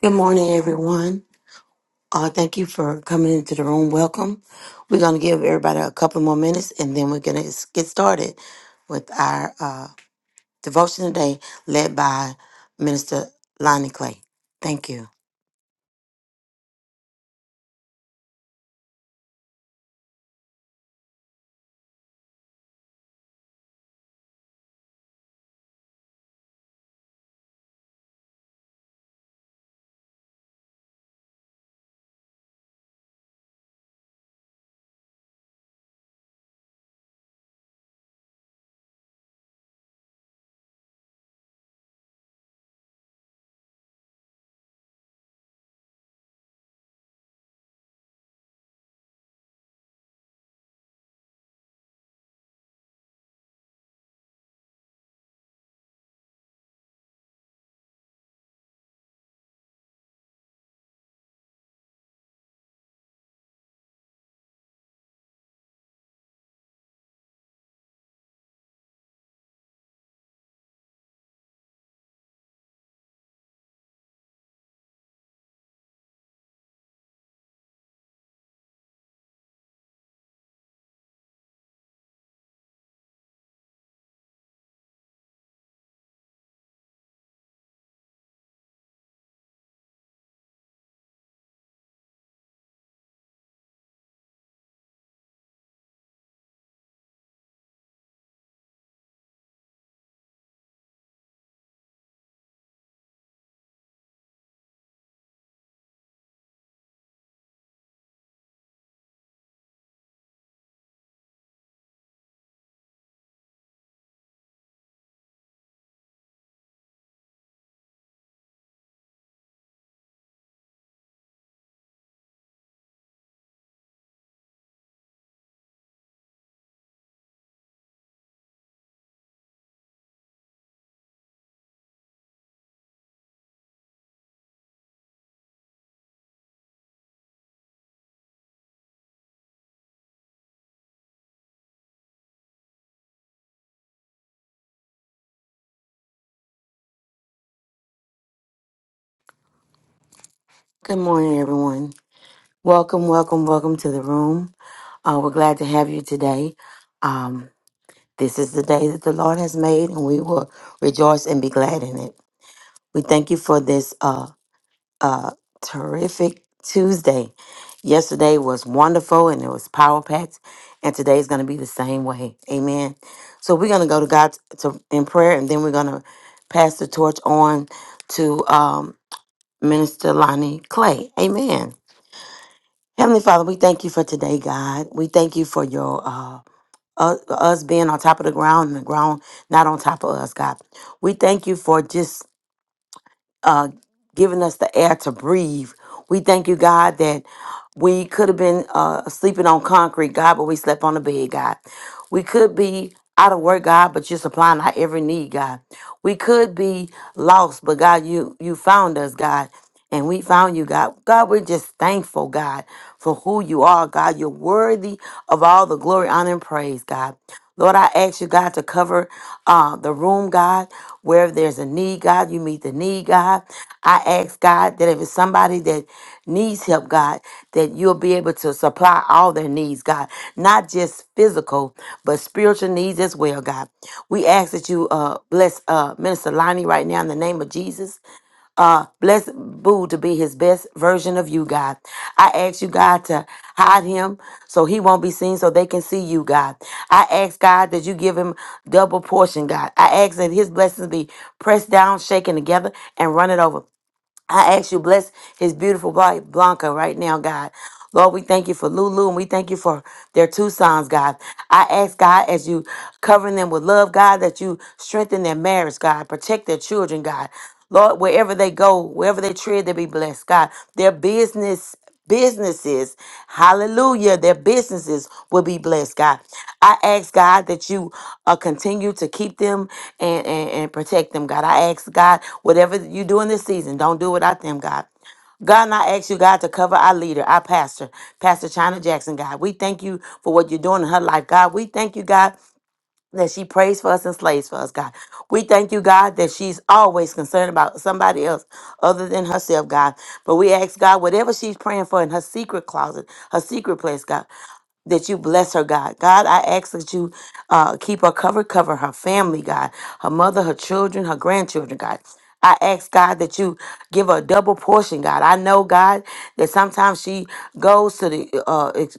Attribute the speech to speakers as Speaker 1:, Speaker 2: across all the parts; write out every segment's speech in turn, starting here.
Speaker 1: Good morning, everyone. Uh, thank you for coming into the room. Welcome. We're going to give everybody a couple more minutes and then we're going to get started with our uh, devotion today, led by Minister Lonnie Clay. Thank you. Good morning, everyone. Welcome, welcome, welcome to the room. Uh, we're glad to have you today. Um, this is the day that the Lord has made, and we will rejoice and be glad in it. We thank you for this. uh, a terrific Tuesday. Yesterday was wonderful and it was power packed, and today is going to be the same way. Amen. So we're going to go to God to, in prayer, and then we're going to pass the torch on to um, Minister Lonnie Clay. Amen. Heavenly Father, we thank you for today, God. We thank you for your uh, us us being on top of the ground and the ground not on top of us, God. We thank you for just uh, giving us the air to breathe. We thank you, God, that we could have been uh, sleeping on concrete, God, but we slept on the bed, God. We could be out of work, God, but you're supplying our every need, God. We could be lost, but God, you you found us, God, and we found you, God. God, we're just thankful, God, for who you are, God. You're worthy of all the glory, honor, and praise, God. Lord, I ask you, God, to cover uh, the room, God, where there's a need need, God. You meet the need, God. I ask, God, that if it's somebody that needs help, God, that you'll be able to supply all their needs, God, not just physical, but spiritual needs as well, God. We ask that you uh, bless uh, Minister Lonnie right now in the name of Jesus. Uh, bless Boo to be his best version of you, God. I ask you, God, to hide him so he won't be seen, so they can see you, God. I ask, God, that you give him double portion, God. I ask that his blessings be pressed down, shaken together, and run it over. I ask you, bless his beautiful wife, Blanca, right now, God. Lord, we thank you for Lulu and we thank you for their two sons, God. I ask, God, as you covering them with love, God, that you strengthen their marriage, God, protect their children, God. Lord, wherever they go, wherever they tread, they be blessed, God. Their business businesses. Hallelujah. Their businesses will be blessed, God. I ask, God, that you uh, continue to keep them and, and, and protect them, God. I ask, God, whatever you do in this season, don't do without them, God. God, and I ask you, God, to cover our leader, our pastor, Pastor China Jackson, God. We thank you for what you're doing in her life, God. We thank you, God, that she prays for us and slays for us, God. We thank you, God, that she's always concerned about somebody else other than herself, God. But we ask, God, whatever she's praying for in her secret closet, her secret place, God, that you bless her, God. God, I ask that you uh, keep her covered, cover her family, God, her mother, her children, her grandchildren, God. I ask God that you give her a double portion, God. I know, God, that sometimes she goes to the uh, ex-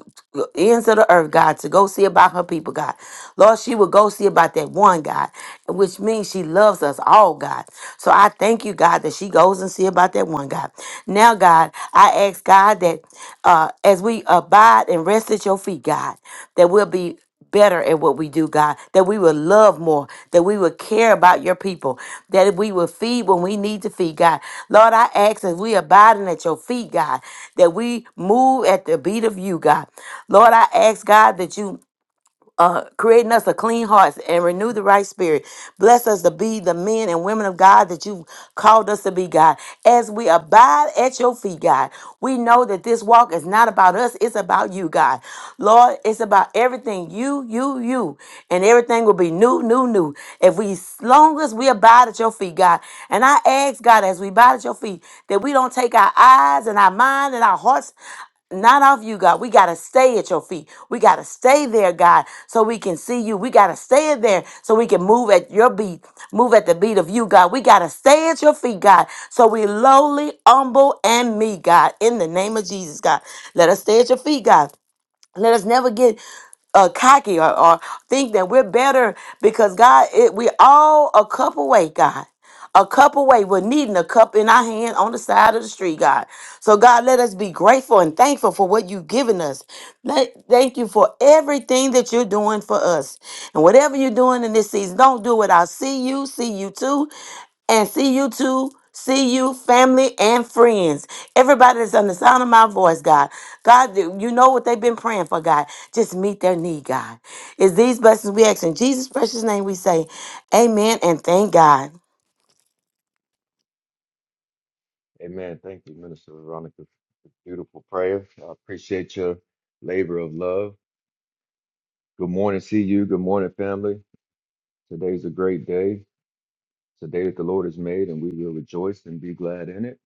Speaker 1: ends of the earth, God, to go see about her people, God. Lord, she will go see about that one, God, which means she loves us all, God. So I thank you, God, that she goes and see about that one, God. Now, God, I ask, God, that uh, as we abide and rest at your feet, God, that we'll be better at what we do, God, that we will love more, that we will care about your people, that we will feed when we need to feed, God. Lord, I ask as we abiding at your feet, God, that we move at the beat of you, God. Lord, I ask, God, that you uh, creating us a clean heart and renew the right spirit. Bless us to be the men and women of God that you've called us to be, God. As we abide at your feet, God, we know that this walk is not about us, it's about you, God. Lord, it's about everything you, you, you, and everything will be new, new, new. If we, as long as we abide at your feet, God, and I ask, God, as we abide at your feet, that we don't take our eyes and our mind and our hearts not off you, God. We got to stay at your feet. We got to stay there, God, so we can see you. We got to stay there so we can move at your beat, move at the beat of you, God. We got to stay at your feet, God, so we lowly, humble, and me, God, in the name of Jesus, God. Let us stay at your feet, God. Let us never get uh, cocky or, or think that we're better because God, it, we all a cup away, God. A cup away. We're needing a cup in our hand on the side of the street, God. So, God, let us be grateful and thankful for what you've given us. Let, thank you for everything that you're doing for us. And whatever you're doing in this season, don't do it. I see you, see you too and see you too. See you, family and friends. Everybody that's on the sound of my voice, God. God, you know what they've been praying for, God. Just meet their need, God. It's these blessings we ask in Jesus' precious name we say, Amen and thank God.
Speaker 2: Amen. Thank you, Minister Veronica, for the beautiful prayer. I appreciate your labor of love. Good morning, see you. Good morning, family. Today's a great day. It's a day that the Lord has made, and we will rejoice and be glad in it.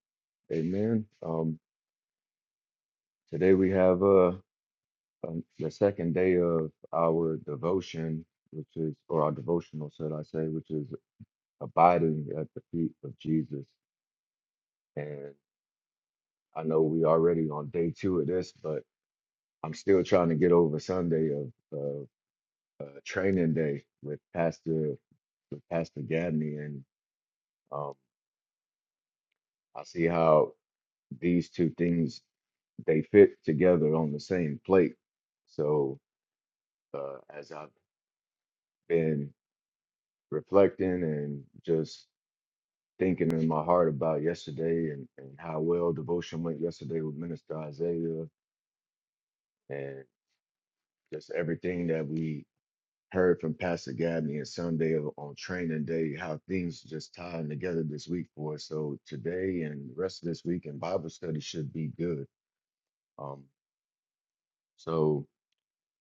Speaker 2: Amen. Um, today we have uh, um, the second day of our devotion, which is, or our devotional, should I say, which is abiding at the feet of Jesus. And I know we already on day two of this, but I'm still trying to get over Sunday of. uh, training day with Pastor with Pastor Gabney, and um, I see how these two things they fit together on the same plate. So uh, as I've been reflecting and just thinking in my heart about yesterday and, and how well devotion went yesterday with Minister Isaiah and just everything that we heard from Pastor Gabney on Sunday o- on training day how things just tying together this week for us. So today and the rest of this week and Bible study should be good. Um, so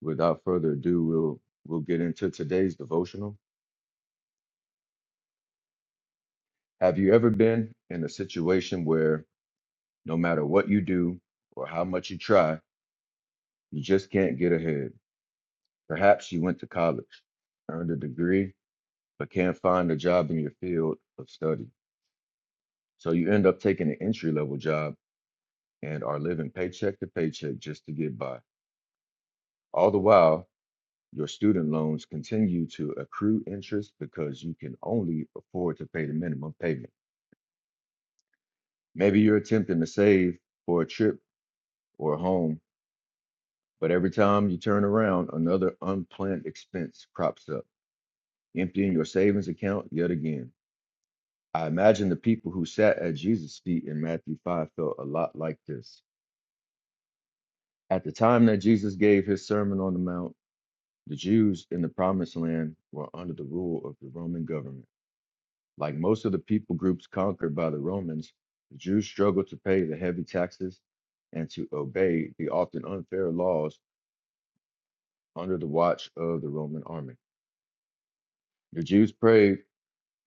Speaker 2: without further ado, we'll we'll get into today's devotional. Have you ever been in a situation where no matter what you do or how much you try, you just can't get ahead? Perhaps you went to college, earned a degree, but can't find a job in your field of study. So you end up taking an entry level job and are living paycheck to paycheck just to get by. All the while, your student loans continue to accrue interest because you can only afford to pay the minimum payment. Maybe you're attempting to save for a trip or a home, but every time you turn around, another unplanned expense crops up, emptying your savings account yet again. I imagine the people who sat at Jesus' feet in Matthew 5 felt a lot like this. At the time that Jesus gave his Sermon on the Mount, The Jews in the Promised Land were under the rule of the Roman government. Like most of the people groups conquered by the Romans, the Jews struggled to pay the heavy taxes and to obey the often unfair laws under the watch of the Roman army. The Jews prayed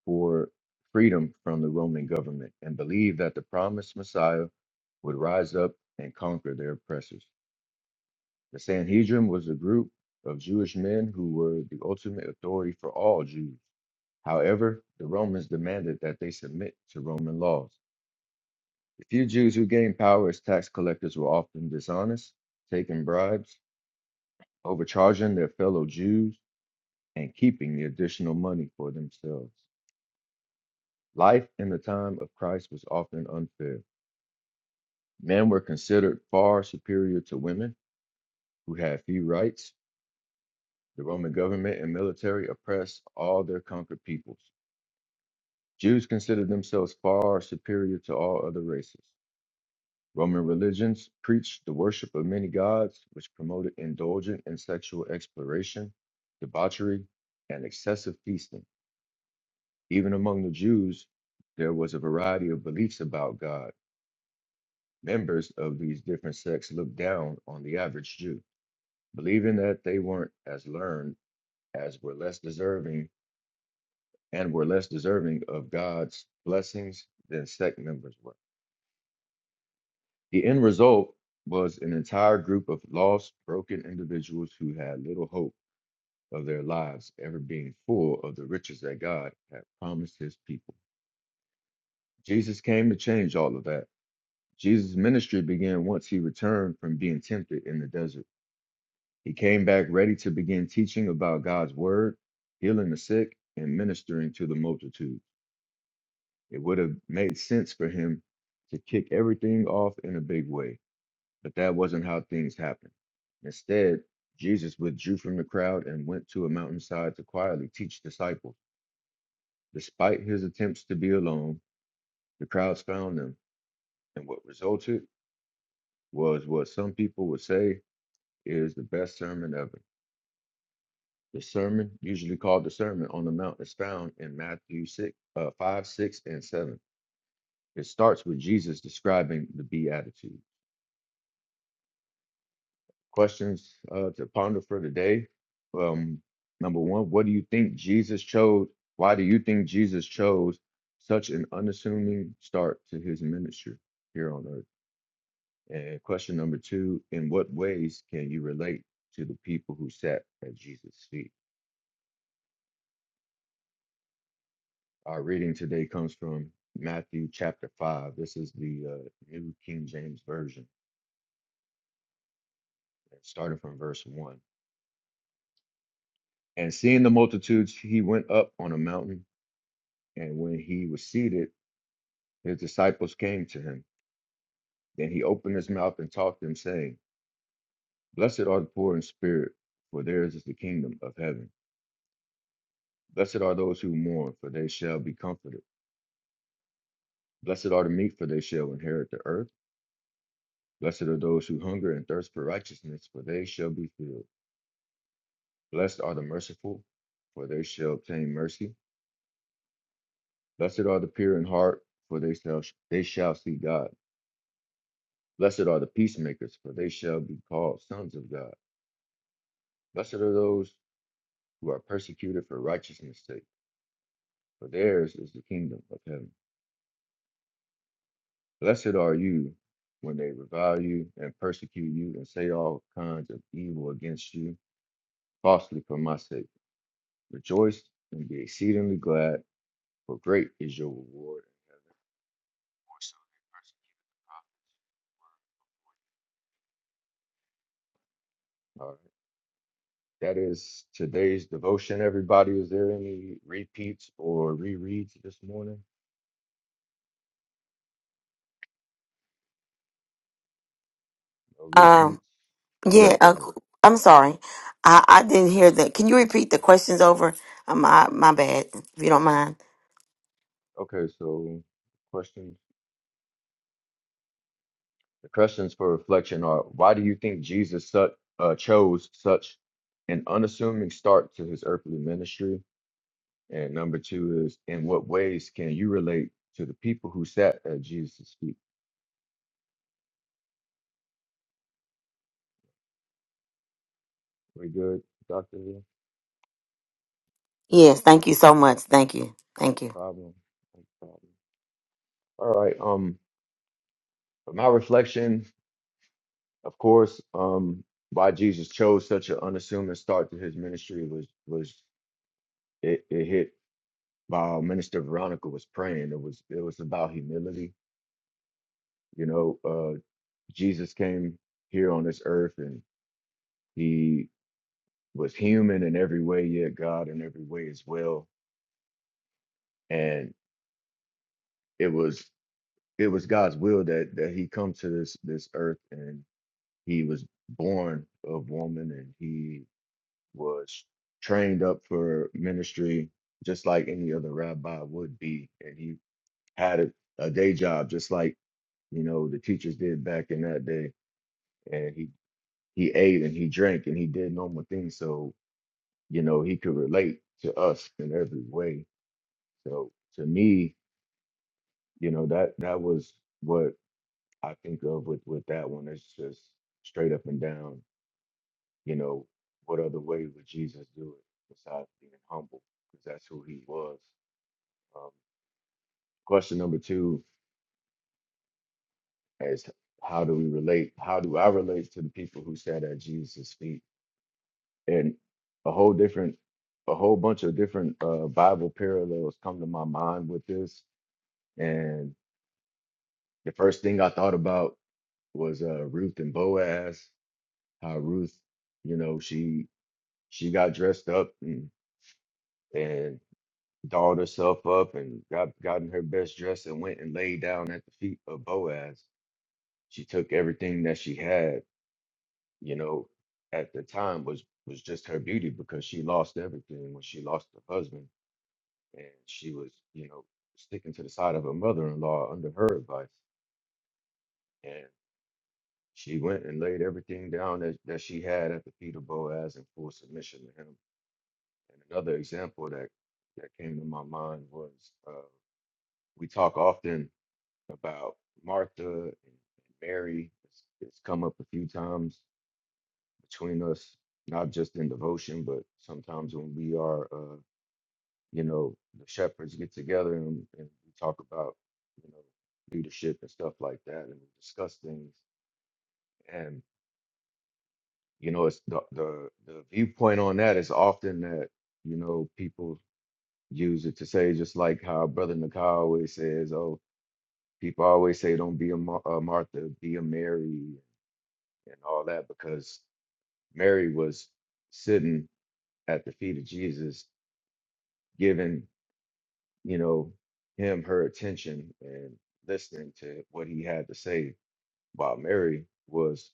Speaker 2: for freedom from the Roman government and believed that the promised Messiah would rise up and conquer their oppressors. The Sanhedrin was a group of Jewish men who were the ultimate authority for all Jews. However, the Romans demanded that they submit to Roman laws. The few Jews who gained power as tax collectors were often dishonest, taking bribes, overcharging their fellow Jews, and keeping the additional money for themselves. Life in the time of Christ was often unfair. Men were considered far superior to women, who had few rights. The Roman government and military oppressed all their conquered peoples. Jews considered themselves far superior to all other races. Roman religions preached the worship of many gods, which promoted indulgent and sexual exploration, debauchery, and excessive feasting. Even among the Jews, there was a variety of beliefs about God. Members of these different sects looked down on the average Jew, believing that they weren't as learned as were less deserving and were less deserving of God's blessings than sect members were. The end result was an entire group of lost, broken individuals who had little hope of their lives ever being full of the riches that God had promised his people. Jesus came to change all of that. Jesus' ministry began once he returned from being tempted in the desert. He came back ready to begin teaching about God's word, healing the sick, and ministering to the multitude. It would have made sense for him to kick everything off in a big way But that wasn't how things happened. Instead, Jesus withdrew from the crowd and went to a mountainside to quietly teach disciples. Despite his attempts to be alone, the crowds found him, and what resulted was what some people would say is the best sermon ever. The sermon, usually called the Sermon on the Mount, is found in Matthew 6, uh, 5, 6, and 7. It starts with Jesus describing the Beatitudes. questions uh, to ponder for today. Um, number one, what do you think Jesus chose? Why do you think Jesus chose such an unassuming start to his ministry here on earth? And question number two, in what ways can you relate to the people who sat at Jesus' feet? Our reading today comes from Matthew chapter 5. This is the uh, New King James Version, starting from verse 1. And seeing the multitudes, he went up on a mountain. And when he was seated, His disciples came to him. Then he opened his mouth and taught them, saying, Blessed are the poor in spirit, for theirs is the kingdom of heaven. Blessed are those who mourn, for they shall be comforted. Blessed are the meek, for they shall inherit the earth. Blessed are those who hunger and thirst for righteousness, for they shall be filled. Blessed are the merciful, for they shall obtain mercy. Blessed are the pure in heart, for they shall, they shall see God. Blessed are the peacemakers, for they shall be called sons of God. Blessed are those who are persecuted for righteousness' sake, for theirs is the kingdom of heaven. Blessed are you when they revile you and persecute you and say all kinds of evil against you falsely for my sake. Rejoice and be exceedingly glad, for great is your reward in heaven. For so they persecuted the prophets. All right. That is today's devotion, everybody. Is there any repeats or rereads this morning? No
Speaker 1: Um,
Speaker 2: repeats? Yes,
Speaker 1: yeah,
Speaker 2: go
Speaker 1: uh,
Speaker 2: ahead.
Speaker 1: I'm sorry. I, I didn't hear that. Can you repeat the questions over? Uh, my, my bad, if you don't mind.
Speaker 2: Okay, so question. The questions for reflection are why do you think Jesus su- uh, chose such an unassuming start to his earthly ministry? And number two is in what ways can you relate to the people who sat at Jesus' feet? We good, Doctor? No
Speaker 1: Yes, thank you so much. Thank you. Thank you.
Speaker 2: Problem? No problem. All right. Um, but my reflection, of course, um, why Jesus chose such an unassuming start to his ministry was was it, it hit while Minister Veronica was praying. It was it was about humility. You know, uh, Jesus came here on this earth and he was human in every way, yet God in every way as well. And it was it was God's will that that he come to this this earth and he was born of woman and he was trained up for ministry just like any other rabbi would be. And he had a, a day job just like you know the teachers did back in that day. And he he ate and he drank and he did normal things. So you know he could relate to us in every way so to me you know that that was what i think of with with that one it's just straight up and down you know what other way would jesus do it besides being humble because that's who he was um, question number two is how do we relate how do i relate to the people who sat at jesus' feet and a whole different a whole bunch of different uh bible parallels come to my mind with this and the first thing I thought about was uh, Ruth and Boaz. How Ruth, you know, she she got dressed up and, and dolled herself up and got gotten her best dress and went and laid down at the feet of Boaz. She took everything that she had, you know, at the time was was just her beauty because she lost everything when she lost her husband and she was, you know, sticking to the side of her mother-in-law under her advice. She went and laid everything down that, that she had at the feet of Boaz in full submission to him. And another example that, that came to my mind was uh, we talk often about Martha and Mary. It's, it's come up a few times between us, not just in devotion, but sometimes when we are, uh, you know, the shepherds get together and, and we talk about, you know, leadership and stuff like that, and we discuss things. you know it's the, the the viewpoint on that is often that you know people use it to say just like how brother Nakai always says oh people always say don't be a, Mar- a Martha be a Mary and all that because Mary was sitting at the feet of Jesus giving you know him her attention and listening to what he had to say while Mary was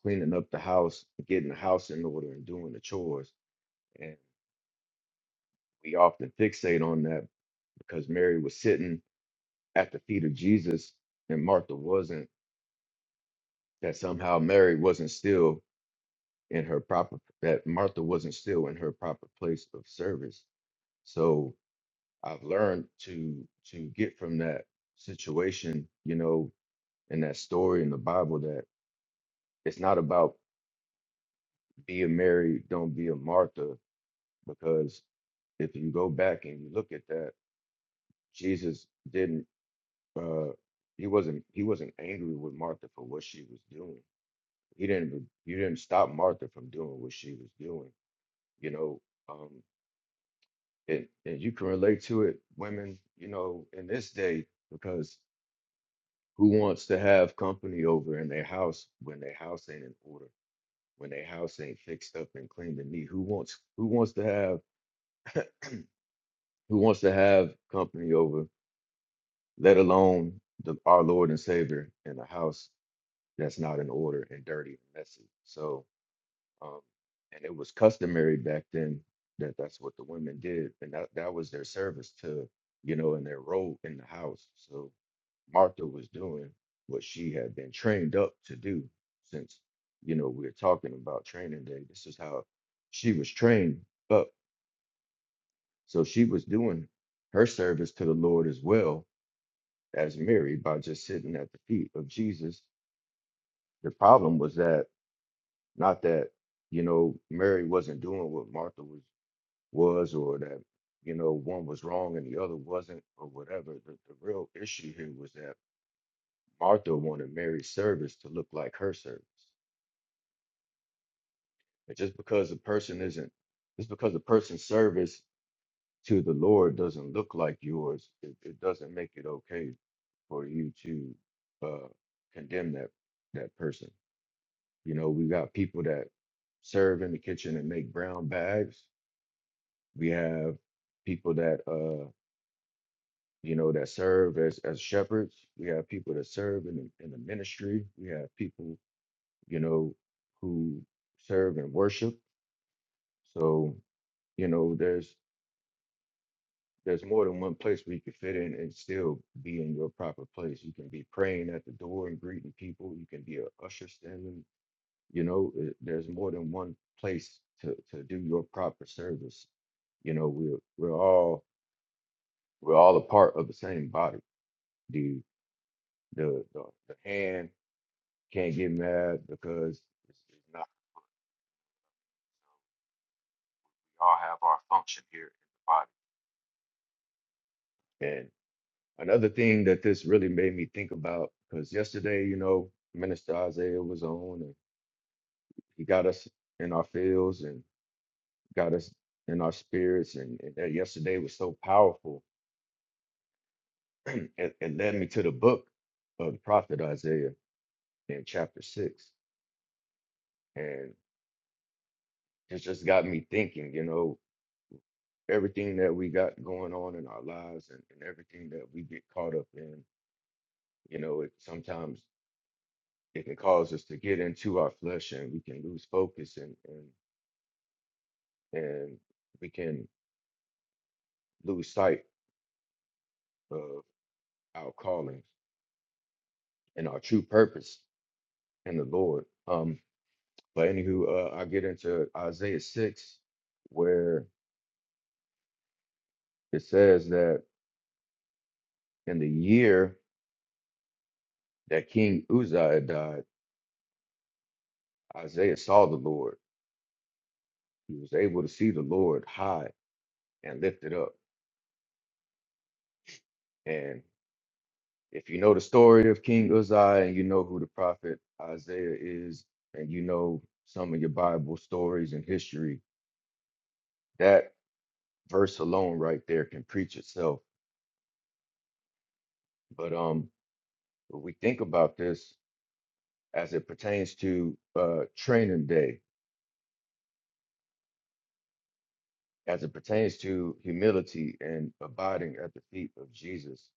Speaker 2: cleaning up the house getting the house in order and doing the chores we often fixate on that because Mary was sitting at the feet of Jesus and Martha wasn't, that somehow Mary wasn't still in her proper, that Martha wasn't still in her proper place of service. So I've learned to to get from that situation, you know, and that story in the Bible that it's not about be a Mary, don't be a Martha, because if you go back and you look at that, Jesus didn't uh he wasn't he wasn't angry with Martha for what she was doing. He didn't re- you didn't stop Martha from doing what she was doing, you know. Um and, and you can relate to it, women, you know, in this day, because who wants to have company over in their house when their house ain't in order, when their house ain't fixed up and clean and neat? Who wants who wants to have who wants to have company over, let alone the our Lord and Savior in the house that's not in order and dirty and messy. So, um, and it was customary back then that that's what the women did, and that that was their service to, you know, and their role in the house. So Martha was doing what she had been trained up to do since, you know, we're talking about training day. This is how she was trained up. So she was doing her service to the Lord as well as Mary by just sitting at the feet of Jesus. The problem was that Not that, you know, Mary wasn't doing what Martha was was or that, you know, one was wrong and the other wasn't or whatever. The, the real issue here was that Martha wanted Mary's service to look like her service. And just because a person isn't just because a person's service to the Lord doesn't look like yours, it, it doesn't make it okay for you to uh, condemn that that person. You know, we got people that serve in the kitchen and make brown bags, We have people that uh you know that serve as as shepherds. We have people that serve in the, in the ministry. We have people you know who serve and worship. So you know there's there's more than one place where you can fit in and still be in your proper place. You can be praying at the door and greeting people. You can be a usher standing. You know it- there's more than one place to to do your proper service. You know we're we're all we're all a part of the same body The, the the hand can't get mad because it's, it's not. We all have our function here in the body. And another thing that this really made me think about, because yesterday, you know, Minister Isaiah was on, and he got us in our fields and got us in our spirits, and, and that yesterday was so powerful. it, it led me to the book of the prophet Isaiah in chapter six, and it just got me thinking, you know, everything that we got going on in our lives and, and everything that we get caught up in, you know, it sometimes it can cause us to get into our flesh and we can lose focus and and and we can lose sight of our calling and our true purpose in the Lord. Um, but anywho, uh, I get into Isaiah six, where it says that in the year that King Uzziah died, Isaiah saw the Lord. He was able to see the Lord high and lifted up. And if you know the story of King Uzziah and you know who the prophet Isaiah is, and you know some of your Bible stories and history, that verse alone right there can preach itself. But um, when we think about this as it pertains to uh, training day, as it pertains to humility and abiding at the feet of Jesus,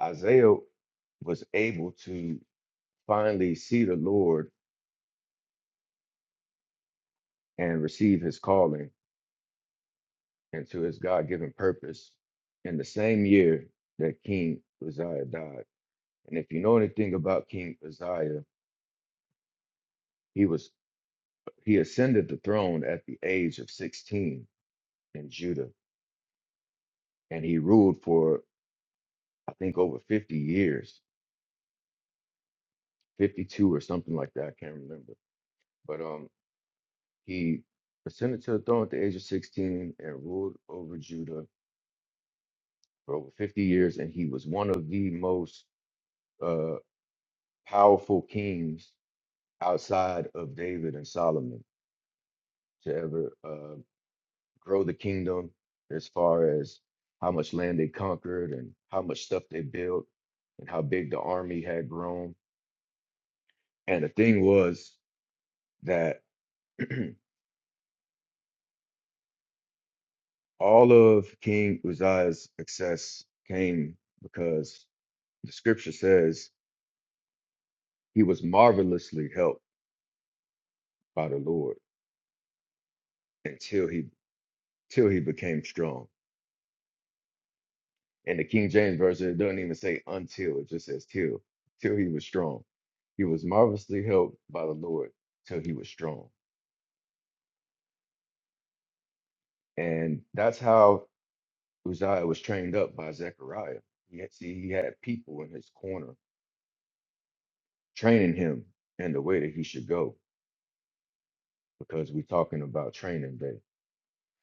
Speaker 2: Isaiah was able to finally see the Lord and receive his calling and to his God-given purpose in the same year that King Uzziah died. And if you know anything about King Uzziah, he was he ascended the throne at the age of 16 in Judah, and he ruled for I think over 50 years, 52 or something like that. I can't remember. But um, he ascended to the throne at the age of 16 and ruled over Judah for over 50 years, and he was one of the most uh, powerful kings outside of David and Solomon to ever uh, grow the kingdom as far as how much land they conquered and how much stuff they built and how big the army had grown. And the thing was that all of King Uzziah's success came because the scripture says he was marvelously helped by the Lord until he till he became strong. In the King James version, it doesn't even say until, it just says till. Till he was strong. He was marvelously helped by the Lord till he was strong. And that's how Uzziah was trained up by Zechariah. He had, see, he had people in his corner training him in the way that he should go, because we're talking about training day.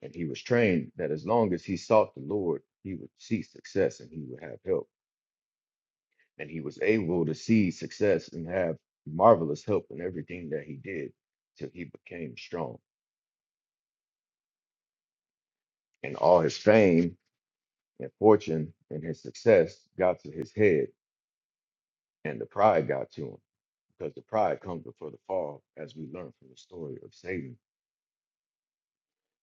Speaker 2: And he was trained that as long as he sought the Lord, he would see success and he would have help. and he was able to see success and have marvelous help in everything that he did till he became strong. And all his fame and fortune and his success got to his head, and the pride got to him because the pride comes before the fall, as we learn from the story of Satan.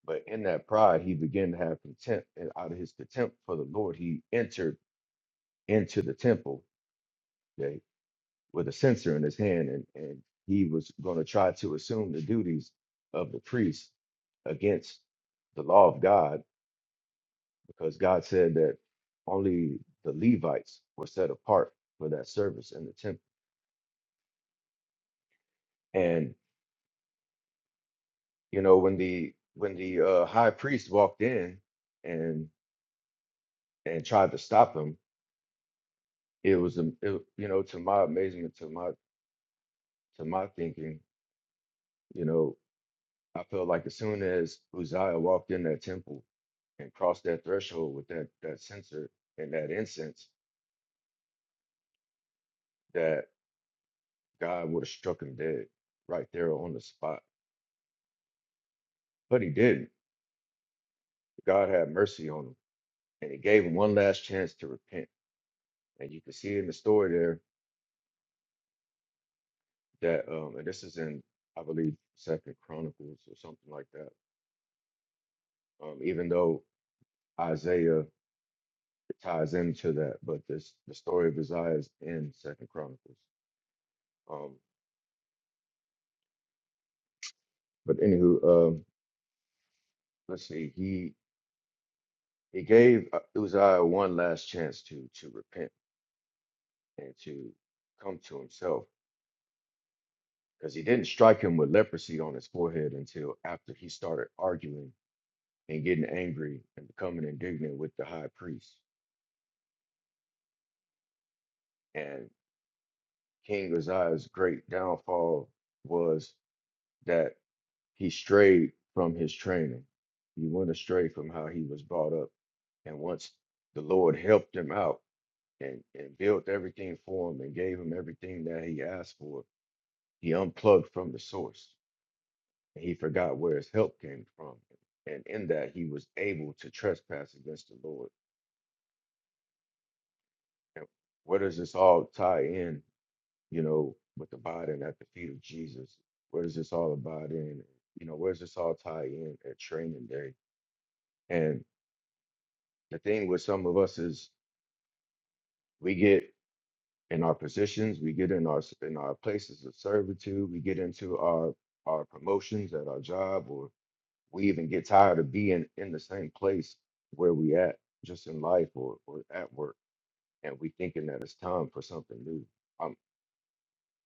Speaker 2: But in that pride, he began to have contempt, and out of his contempt for the Lord, he entered into the temple. with a censer in his hand, and, and he was going to try to assume the duties of the priest against the law of God, because God said that only the Levites were set apart for that service in the temple. And you know, when the when the uh, high priest walked in and and tried to stop him, it was a it, you know to my amazement, to my to my thinking, you know, I felt like as soon as Uzziah walked in that temple and crossed that threshold with that that censer and that incense that God would have struck him dead right there on the spot. But he didn't. God had mercy on him and he gave him one last chance to repent. And you can see in the story there that um and this is in I believe Second Chronicles or something like that. Um even though Isaiah ties into that, but this the story of Isaiah is in Second Chronicles. Um but anywho, um let's see, he It gave uh, Uzziah one last chance to to repent and to come to himself because he didn't strike him with leprosy on his forehead until after he started arguing and getting angry and becoming indignant with the high priest. And King Uzziah's great downfall was that he strayed from his training. He went astray from how he was brought up. And once the Lord helped him out and, and built everything for him and gave him everything that he asked for, He unplugged from the source, and he forgot where his help came from. And in that, he was able to trespass against the Lord. And where does this all tie in, you know, with the body and at the feet of Jesus? Where does this all about in? You know, where does this all tie in at training day? And the thing with some of us is we get in our positions, we get in our in our places of servitude, we get into our our promotions at our job or. we even get tired of being in the same place where we at just in life or, or at work and we thinking that it's time for something new um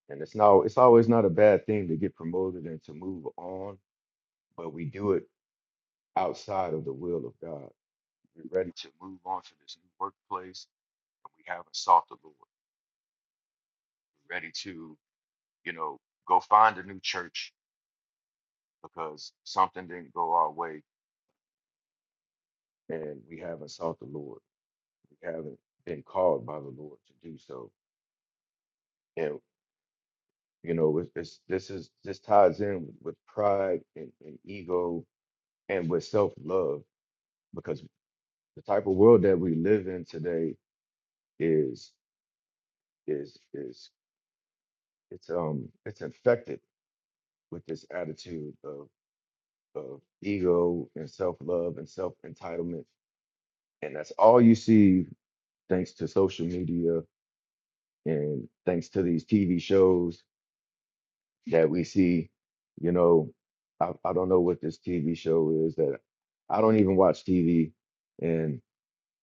Speaker 2: and it's now it's always not a bad thing to get promoted and to move on but we do it outside of the will of god we're ready to move on to this new workplace and we haven't sought the lord we're ready to you know go find a new church because something didn't go our way and we haven't sought the lord we haven't been called by the lord to do so and you know it's, it's this is this ties in with with pride and, and ego and with self-love because the type of world that we live in today is is is it's um it's infected with this attitude of of ego and self-love and self-entitlement and that's all you see thanks to social media and thanks to these TV shows that we see, you know, I, I don't know what this TV show is that I don't even watch TV, and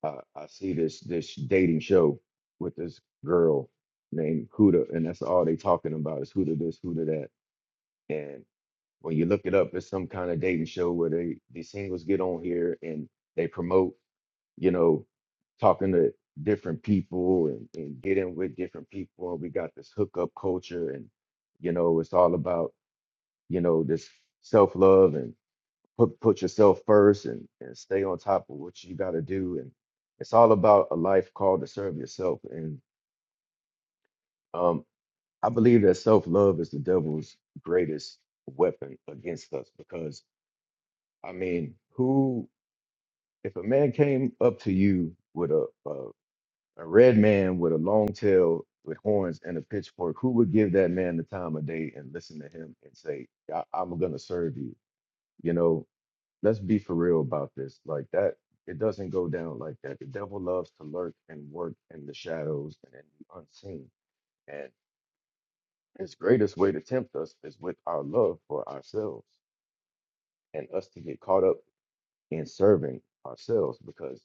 Speaker 2: uh, I see this this dating show with this girl named Huda, and that's all they talking about is Huda this, Huda that, and when you look it up, it's some kind of dating show where they these singles get on here and they promote, you know, talking to different people and, and getting with different people, and we got this hookup culture, and you know, it's all about you know, this self love and put put yourself first and, and stay on top of what you got to do. And it's all about a life called to serve yourself. And um, I believe that self love is the devil's greatest weapon against us because I mean, who if a man came up to you with a a, a red man with a long tail with horns and a pitchfork, who would give that man the time of day and listen to him and say, I, "I'm gonna serve you"? You know, let's be for real about this. Like that, it doesn't go down like that. The devil loves to lurk and work in the shadows and in the unseen. And his greatest way to tempt us is with our love for ourselves and us to get caught up in serving ourselves. Because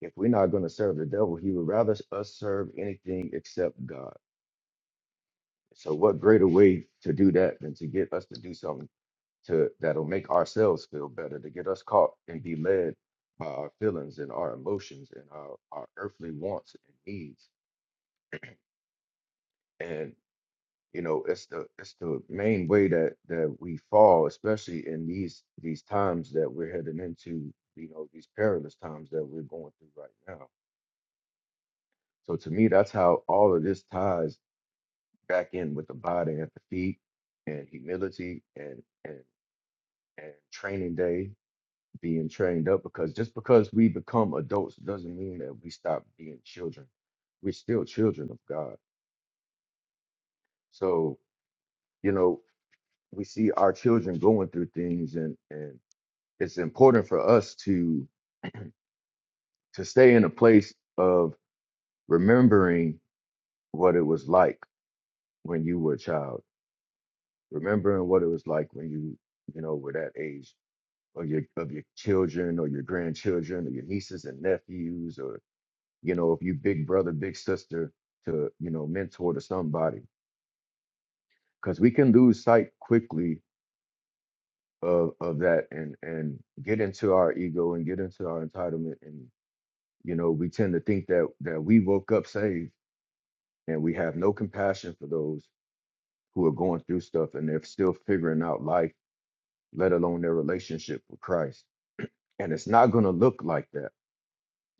Speaker 2: if we're not going to serve the devil, he would rather us serve anything except God. So, what greater way to do that than to get us to do something? to that'll make ourselves feel better, to get us caught and be led by our feelings and our emotions and our, our earthly wants and needs. And you know, it's the it's the main way that that we fall, especially in these these times that we're heading into, you know, these perilous times that we're going through right now. So to me, that's how all of this ties back in with the body at the feet and humility and and and training day being trained up because just because we become adults doesn't mean that we stop being children. We're still children of God. So, you know, we see our children going through things and and it's important for us to to stay in a place of remembering what it was like when you were a child, remembering what it was like when you, you know, were that age of your of your children or your grandchildren or your nieces and nephews or. you know, if you big brother, big sister to, you know, mentor to somebody. Because we can lose sight quickly of of that and and get into our ego and get into our entitlement. And, you know, we tend to think that that we woke up saved and we have no compassion for those who are going through stuff and they're still figuring out life, let alone their relationship with Christ. And it's not gonna look like that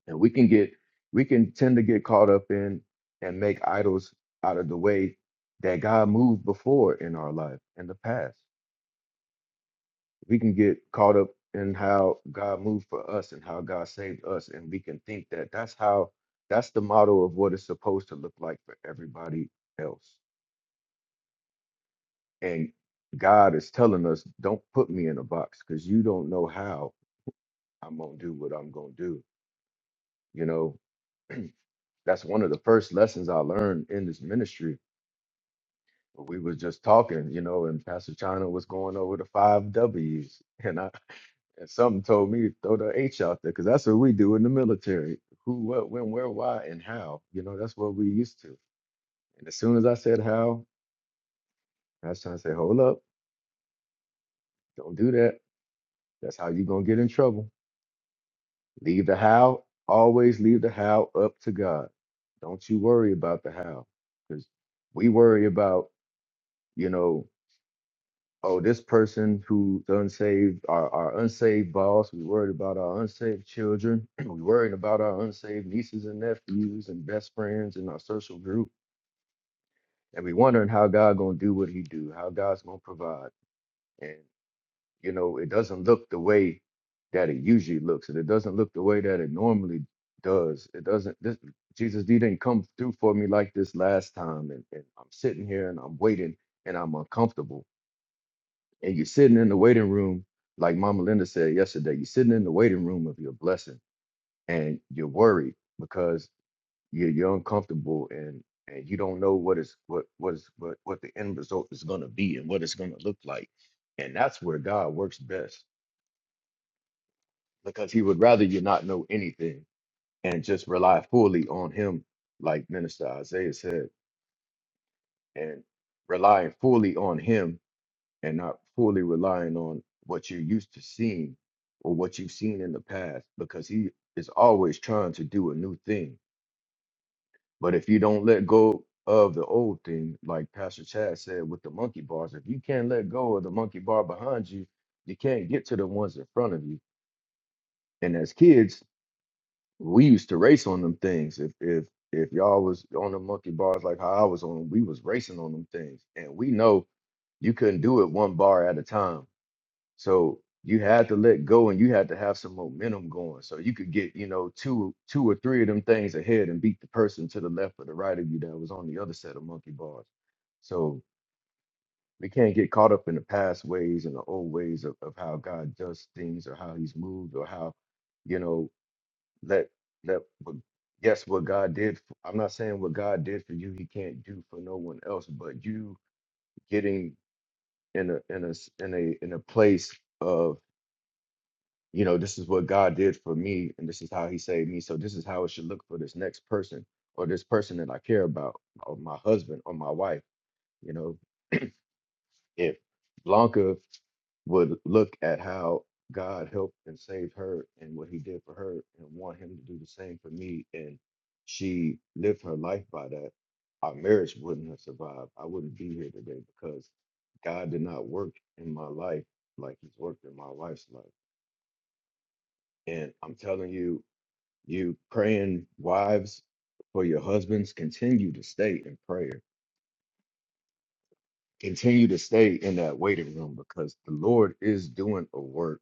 Speaker 2: And we can get we can tend to get caught up in and make idols out of the way that God moved before in our life in the past. We can get caught up in how God moved for us and how God saved us and we can think that that's how that's the model of what it's supposed to look like for everybody else. And God is telling us don't put me in a box cuz you don't know how I'm going to do what I'm going to do. You know, that's one of the first lessons I learned in this ministry But we was just talking, you know, and Pastor China was going over the five W's, and I and something told me to throw the H out there because that's what we do in the military: who, what, when, where, why, and how. You know, that's what we used to. And as soon as I said how, Pastor China said, "Hold up, don't do that. That's how you're gonna get in trouble. Leave the how. Always leave the how up to God. Don't you worry about the how, because we worry about, you know." oh, this person who's unsaved, our, our unsaved boss, we worried about our unsaved children, we worried about our unsaved nieces and nephews and best friends in our social group, and we wondering how God gonna do what He do, how God's gonna provide, and you know it doesn't look the way that it usually looks, and it doesn't look the way that it normally does. It doesn't. This, Jesus, you didn't come through for me like this last time, and, and I'm sitting here and I'm waiting and I'm uncomfortable and you're sitting in the waiting room, like Mama Linda said yesterday, you're sitting in the waiting room of your blessing and you're worried because you're, you're uncomfortable and and you don't know what is what what is what what the end result is going to be and what it's going to look like and that's where god works best because he would rather you not know anything and just rely fully on him like minister isaiah said and relying fully on him and not fully relying on what you're used to seeing or what you've seen in the past because he is always trying to do a new thing. But if you don't let go of the old thing, like Pastor Chad said with the monkey bars, if you can't let go of the monkey bar behind you, you can't get to the ones in front of you. And as kids, we used to race on them things. If if if y'all was on the monkey bars like how I was on, 'em, we was racing on them things. And we know you couldn't do it one bar at a time So you had to let go and you had to have some momentum going. So you could get, you know, two two or three of them things ahead and beat the person to the left or the right of you that was on the other set of monkey bars. So we can't get caught up in the past ways and the old ways of, of how God does things or how he's moved or how, you know, let let what- yes, what God did. f- I'm not saying what God did for you, he can't do for no one else, but you getting in a in a s- in a in a place of. you know, this is what God did for me, and this is how He saved me. So this is how it should look for this next person or this person that I care about, or my husband or my wife. You know, if Blanca would look at how God helped and saved her and what He did for her, and want Him to do the same for me, and she lived her life by that, our marriage wouldn't have survived. I wouldn't be here today because God did not work in my life like He's worked in my wife's life. And I'm telling you. You praying wives for your husbands, continue to stay in prayer. Continue to stay in that waiting room because the Lord is doing a work.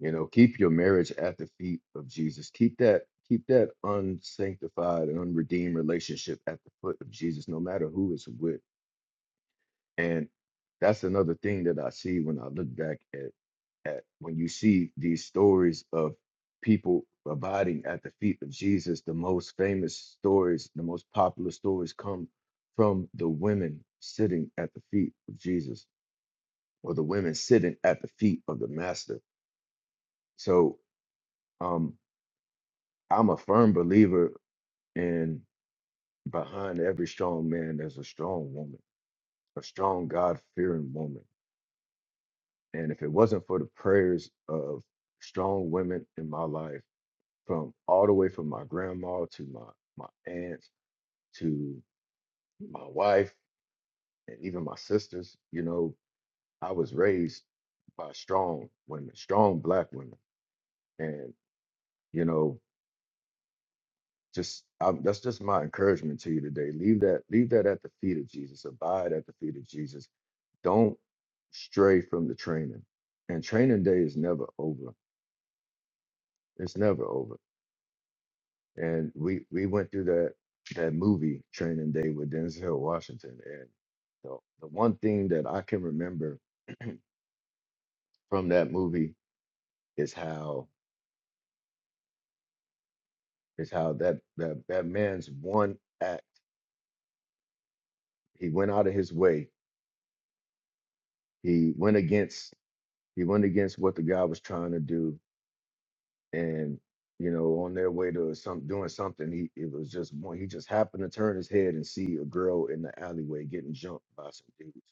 Speaker 2: You know, keep your marriage at the feet of Jesus. Keep that, keep that unsanctified and unredeemed relationship at the foot of Jesus, no matter who it's with And that's another thing that I see when I look back at at when you see these stories of people abiding at the feet of Jesus, the most famous stories, the most popular stories come from the women sitting at the feet of Jesus or the women sitting at the feet of the master. So um I'm a firm believer in behind every strong man there's a strong woman, a strong God fearing woman And if it wasn't for the prayers of strong women in my life, from all the way from my grandma to my my aunts to my wife and even my sisters, you know, I was raised by strong women, strong black women, and you know, just I, that's just my encouragement to you today. Leave that, leave that at the feet of Jesus. Abide at the feet of Jesus. Don't stray from the training. And training day is never over. It's never over and we we went through that that movie Training Day with Denzel Washington, and the the one thing that I can remember from that movie is how is how that that that man's one act he went out of his way he went against he went against what the guy was trying to do and you know on their way to some doing something he it was just one he just happened to turn his head and see a girl in the alleyway getting jumped by some dudes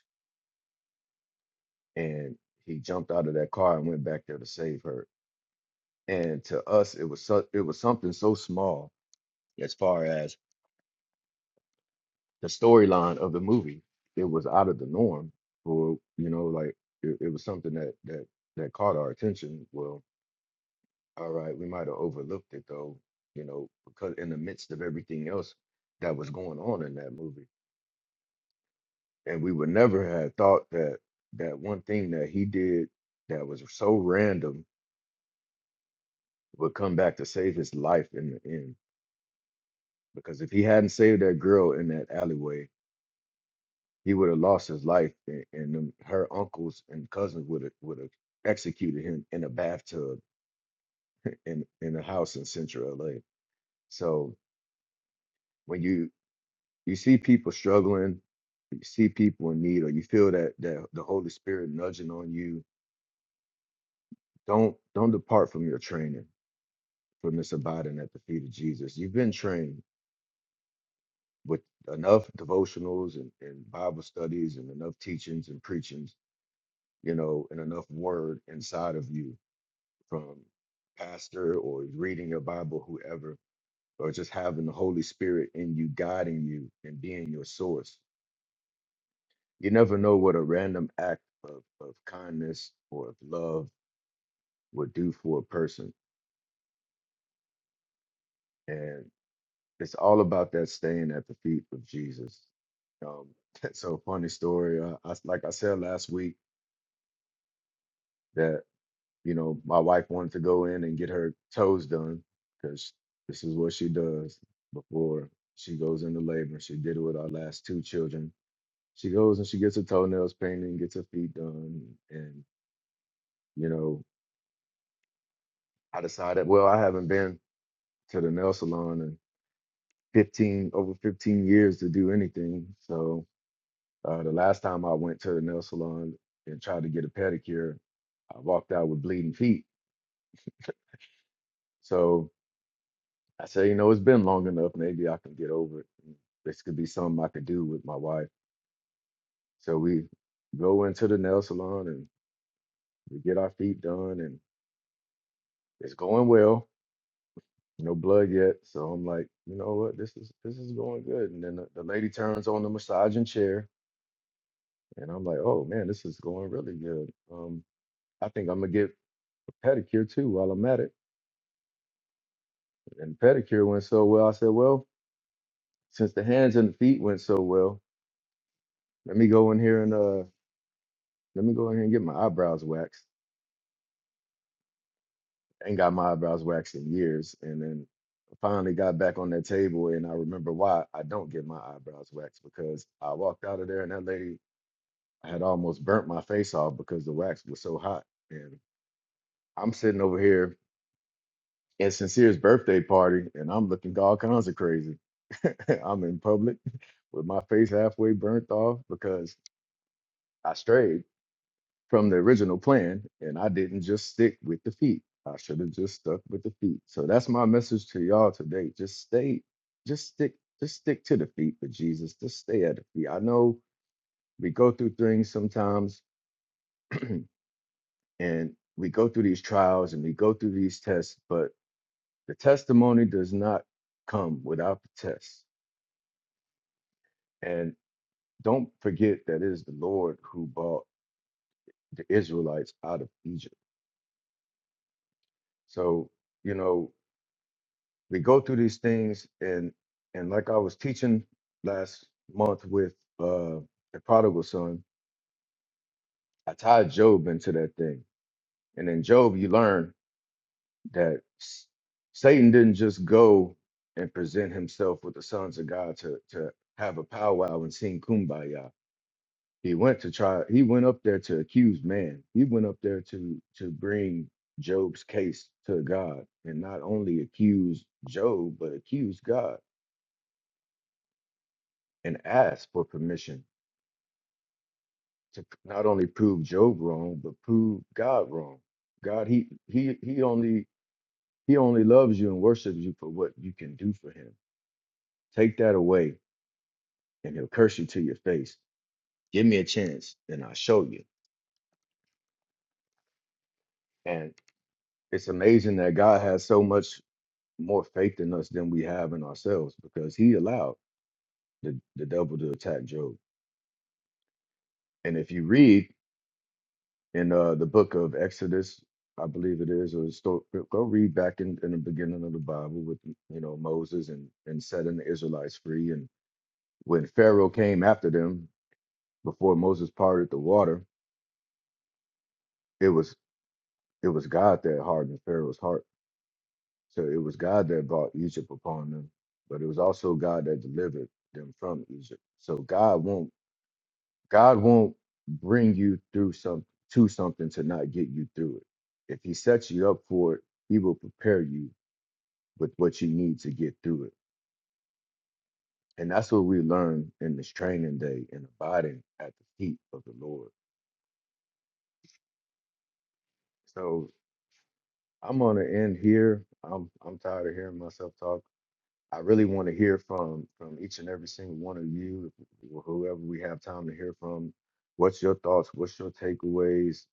Speaker 2: and he jumped out of that car and went back there to save her. And to us, it was so, it was something so small as far as the storyline of the movie. It was out of the norm for you know like it, it was something that that that caught our attention. Well, all right, we might have overlooked it though, you know, because in the midst of everything else that was going on in that movie, and we would never have thought that that one thing that he did that was so random would come back to save his life in the end. Because if he hadn't saved that girl in that alleyway, he would have lost his life, and, and them- her uncles and cousins would have would have executed him in a bathtub in in a house in Central LA. So when you you see people struggling, you see people in need, or you feel that that the Holy Spirit nudging on you, don't don't depart from your training, from this abiding at the feet of Jesus. You've been trained with enough devotionals and, and Bible studies and enough teachings and preachings, you know, and enough word inside of you from pastor or reading your Bible, whoever, or just having the Holy Spirit in you, guiding you and being your source. You never know what a random act of, of kindness or of love would do for a person. And it's all about that staying at the feet of Jesus. Um, so funny story. I, I like I said last week, that. You know, my wife wanted to go in and get her toes done because this is what she does before she goes into labor. She did it with our last two children. She goes and she gets her toenails painted gets her feet done. And, you know, I decided, well, I haven't been to the nail salon in 15, over 15 years to do anything. So uh, the last time I went to the nail salon and tried to get a pedicure, I walked out with bleeding feet. So I say, you know, it's been long enough. Maybe I can get over it. And This could be something I could do with my wife. So we go into the nail salon and we get our feet done, and it's going well. No blood yet. So I'm like, you know what? This is this is going good. And then the, the lady turns on the massaging chair, and I'm like, oh man, this is going really good. Um, I think I'm gonna get a pedicure too while I'm at it. And the pedicure went so well. I said, well, since the hands and the feet went so well, let me go in here and uh let me go in here and get my eyebrows waxed. Ain't got my eyebrows waxed in years. And then I finally got back on that table and I remember why I don't get my eyebrows waxed because I walked out of there and that lady had almost burnt my face off because the wax was so hot. And I'm sitting over here at Sincere's birthday party and I'm looking all kinds of crazy. I'm in public with my face halfway burnt off because I strayed from the original plan, and I didn't just stick with the feet. I should have just stuck with the feet. So that's my message to y'all today. Just stay, just stick, just stick to the feet for Jesus. Just stay at the feet. I know we go through things sometimes and we go through these trials and we go through these tests, but the testimony does not come without the test. And don't forget that it is the Lord who brought the Israelites out of Egypt. So, you know, we go through these things and and like I was teaching last month with uh the prodigal son, I tied Job into that thing. And in Job you learn that s- Satan didn't just go and present himself with the sons of God to to have a powwow and sing kumbaya. He went to try he went up there to accuse man. He went up there to to bring Job's case to God and not only accuse Job but accuse God and asked for permission to p- not only prove Job wrong, but prove God wrong. God, he he he only he only loves you and worships you for what you can do for him. Take that away, and he'll curse you to your face. Give me a chance, and I'll show you. And it's amazing that God has so much more faith in us than we have in ourselves because He allowed the, the devil to attack Job. And if you read in uh, the book of Exodus, I believe it is, or the sto- go go read back in, in the beginning of the Bible with you know Moses and and setting the Israelites free, and when Pharaoh came after them before Moses parted the water, it was it was God that hardened Pharaoh's heart, so it was God that brought Egypt upon them, but it was also God that delivered them from Egypt. So God won't God won't bring you through some to something to not get you through it. If he sets you up for it, he will prepare you with what you need to get through it. And that's what we learn in this training day and abiding at the feet of the Lord. So I'm gonna end here. I'm I'm tired of hearing myself talk. I really want to hear from from each and every single one of you, wh- whoever we have time to hear from. What's your thoughts? What's your takeaways?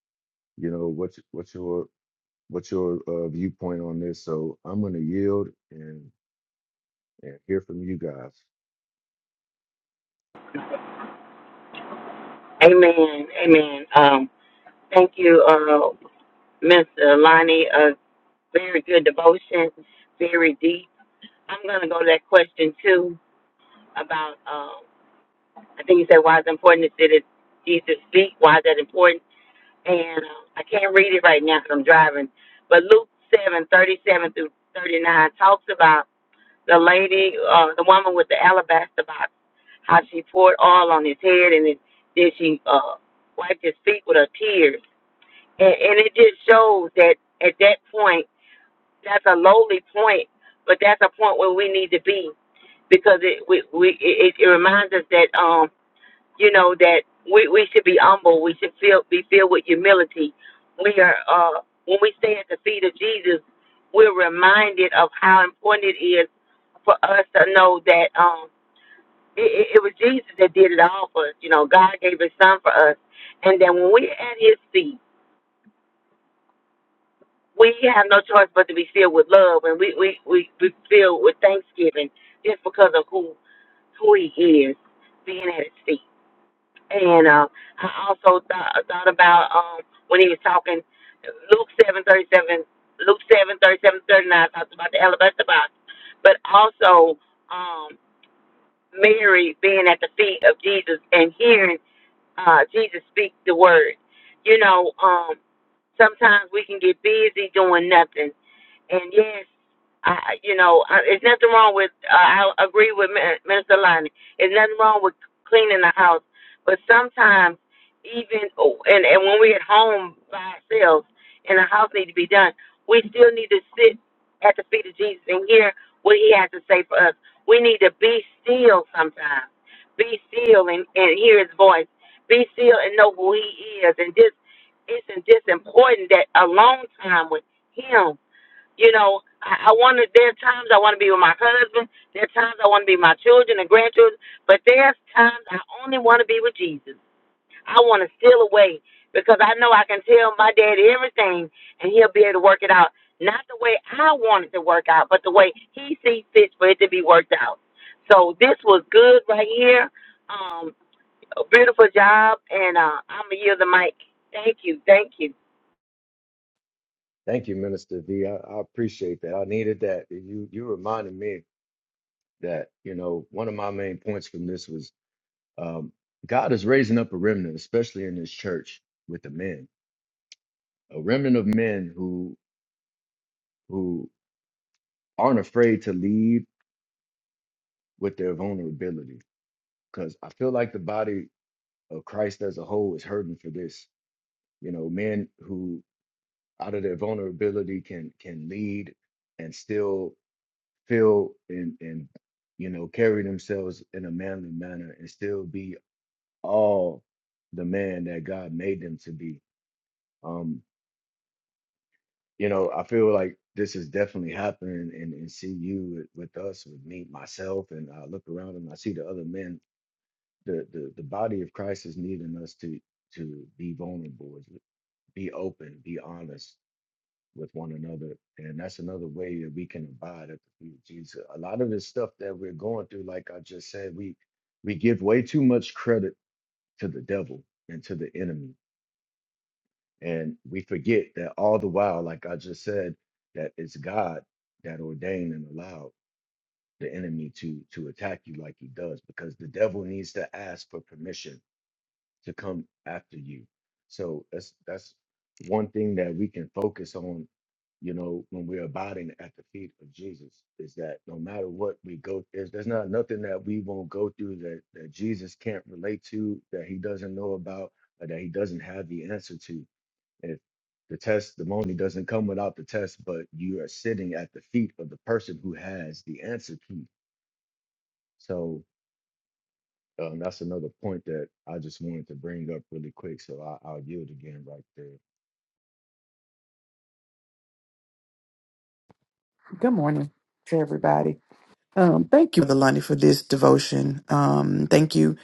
Speaker 2: You know, what's what's your what's your uh, viewpoint on this? So I'm going to yield and, and hear from you guys.
Speaker 1: Amen. Amen. Um, thank you, uh, Miss Lonnie. Very good devotion, very deep. I'm gonna go to that question too about um I think you said why is it important to sit Jesus' feet, why is that important? And um, I can't read it right now because I'm driving. But Luke seven, thirty seven through thirty nine talks about the lady, uh, the woman with the alabaster box, how she poured oil on his head and then then she uh wiped his feet with her tears. And and it just shows that at that point that's a lowly point, but that's a point where we need to be because it we, we it, it reminds us that um you know that we, we should be humble. We should feel be filled with humility. We are uh when we stay at the feet of Jesus, we're reminded of how important it is for us to know that um it, it, it was Jesus that did it all for us. You know, God gave His Son for us, and then when we're at His feet. we have no choice but to be filled with love and we we we be filled with thanksgiving just because of who who he is being at his feet and uh, i also th- thought about um when he was talking luke seven thirty seven, luke seven thirty seven thirty nine talks about the alabaster box but also um mary being at the feet of jesus and hearing uh jesus speak the word you know um sometimes we can get busy doing nothing and yes, I, you know, I, it's nothing wrong with. Uh, I agree with Min- Minister Lonnie. It's nothing wrong with cleaning the house, but sometimes even oh, and and when we're at home by ourselves and the house needs to be done, we still need to sit at the feet of Jesus and hear what He has to say for us. We need to be still sometimes. Be still and, and hear His voice. Be still and know who He is. And this, it's it's important that alone time with Him you know, I, I want to. There are times I want to be with my husband. There are times I want to be with my children and grandchildren. But there's times I only want to be with Jesus. I want to steal away because I know I can tell my daddy everything, and he'll be able to work it out. Not the way I want it to work out, but the way he sees fit for it to be worked out. So this was good right here. Um, a beautiful job, and uh, I'm gonna yield the mic. Thank you, thank you.
Speaker 2: Thank you, Minister V. I, I appreciate that. I needed that. You you reminded me that you know one of my main points from this was um, God is raising up a remnant, especially in His church with the men, a remnant of men who who aren't afraid to lead with their vulnerability. Because I feel like the body of Christ as a whole is hurting for this. You know, men who out of their vulnerability can can lead and still feel and and you know carry themselves in a manly manner and still be all the man that God made them to be. Um, you know, I feel like this is definitely happening and, and see you with, with us, with me, myself, and I look around and I see the other men. The, the the body of Christ is needing us to to be vulnerable, be open, be honest, with one another. And that's another way that we can abide at the feet of Jesus. A lot of this stuff that we're going through, like I just said, we we give way too much credit to the devil and to the enemy. And we forget that all the while, like I just said, that it's God that ordained and allowed the enemy to to attack you like he does because the devil needs to ask for permission to come after you. So that's that's one thing that we can focus on, you know, when we're abiding at the feet of Jesus is that no matter what we go, there's, there's not nothing that we won't go through that, that Jesus can't relate to, that he doesn't know about, or that he doesn't have the answer to. If the testimony doesn't come without the test, but you are sitting at the feet of the person who has the answer key. So um, that's another point that I just wanted to bring up really quick, so I, I'll yield again right there.
Speaker 3: Good morning to everybody. Um, thank you, Brother Lundy, for this devotion. Um, thank you,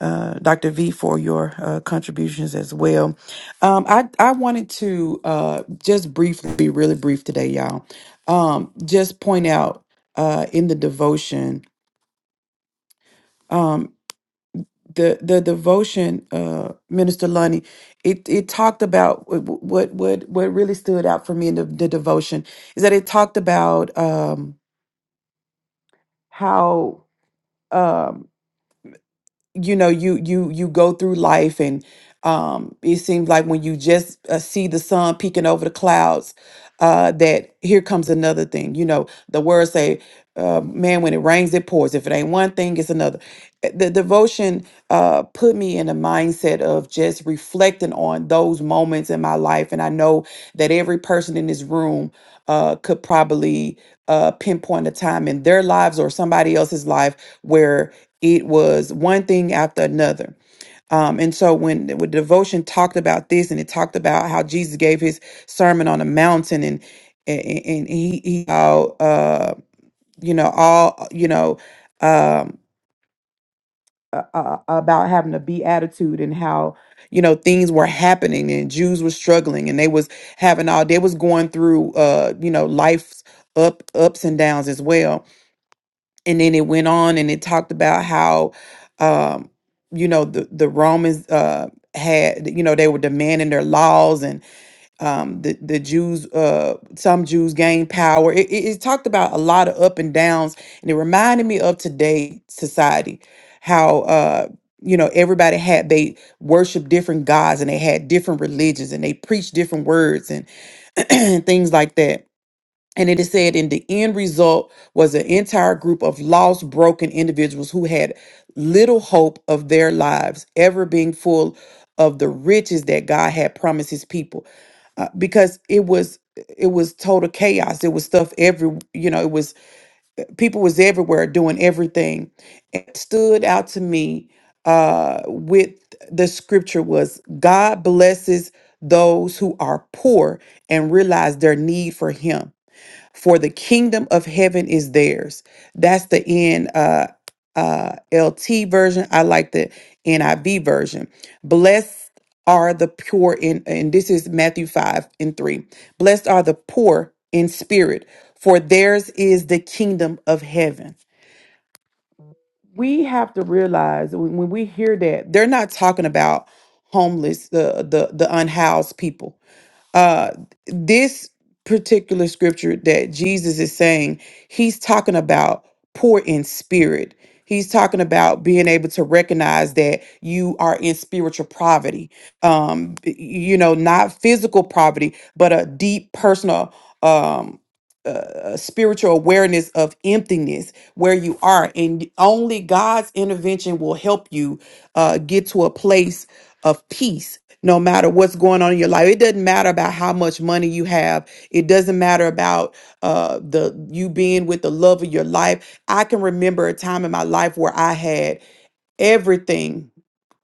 Speaker 3: uh, Dr. V, for your uh, contributions as well. Um, I, I wanted to uh, just briefly, be really brief today, y'all. Um, just point out uh, in the devotion, um, the the devotion, uh, Minister Lundy, it it talked about what what what what really stood out for me in the, the devotion is that it talked about um, how. um, you know you you you go through life and um it seems like when you just uh, see the sun peeking over the clouds uh, that here comes another thing. You know, the words say, uh, man, when it rains, it pours. If it ain't one thing, it's another. Uh, The devotion uh, put me in a mindset of just reflecting on those moments in my life. And I know that every person in this room uh, could probably uh, pinpoint a time in their lives or somebody else's life where it was one thing after another. Um, and so when, when devotion talked about this and it talked about how Jesus gave his Sermon on the Mountain, and and, and he, he how uh, you know all you know um, uh, uh, about having a beatitude and how you know things were happening and Jews were struggling and they was having all they was going through uh, you know life's up ups and downs as well. And then it went on and it talked about how um, you know the the Romans uh, had you know they were demanding their laws and um, the the Jews, uh, some Jews gained power. It, it, it talked about a lot of up and downs, and it reminded me of today society, how uh, you know everybody had they worshiped different gods and they had different religions and they preached different words and things like that and it is said, in the end result was an entire group of lost, broken individuals who had little hope of their lives ever being full of the riches that God had promised His people, Uh, because it was it was total chaos. It was stuff every you know. It was people was everywhere doing everything. It stood out to me uh, with the scripture was God blesses those who are poor and realize their need for Him for the kingdom of heaven is theirs. That's the N uh, uh, LT version. I like the NIV version. Blessed are the pure in, and this is Matthew five and three. Blessed are the poor in spirit, for theirs is the kingdom of heaven. We have to realize when, when we hear that they're not talking about homeless, the the the unhoused people uh this particular scripture that Jesus is saying, he's talking about poor in spirit. He's talking about being able to recognize that you are in spiritual poverty. Um y- you know, not physical poverty, but a deep personal um uh, uh, spiritual awareness of emptiness where you are and only God's intervention will help you uh get to a place of peace no matter what's going on in your life it doesn't matter about how much money you have it doesn't matter about uh the you being with the love of your life i can remember a time in my life where i had everything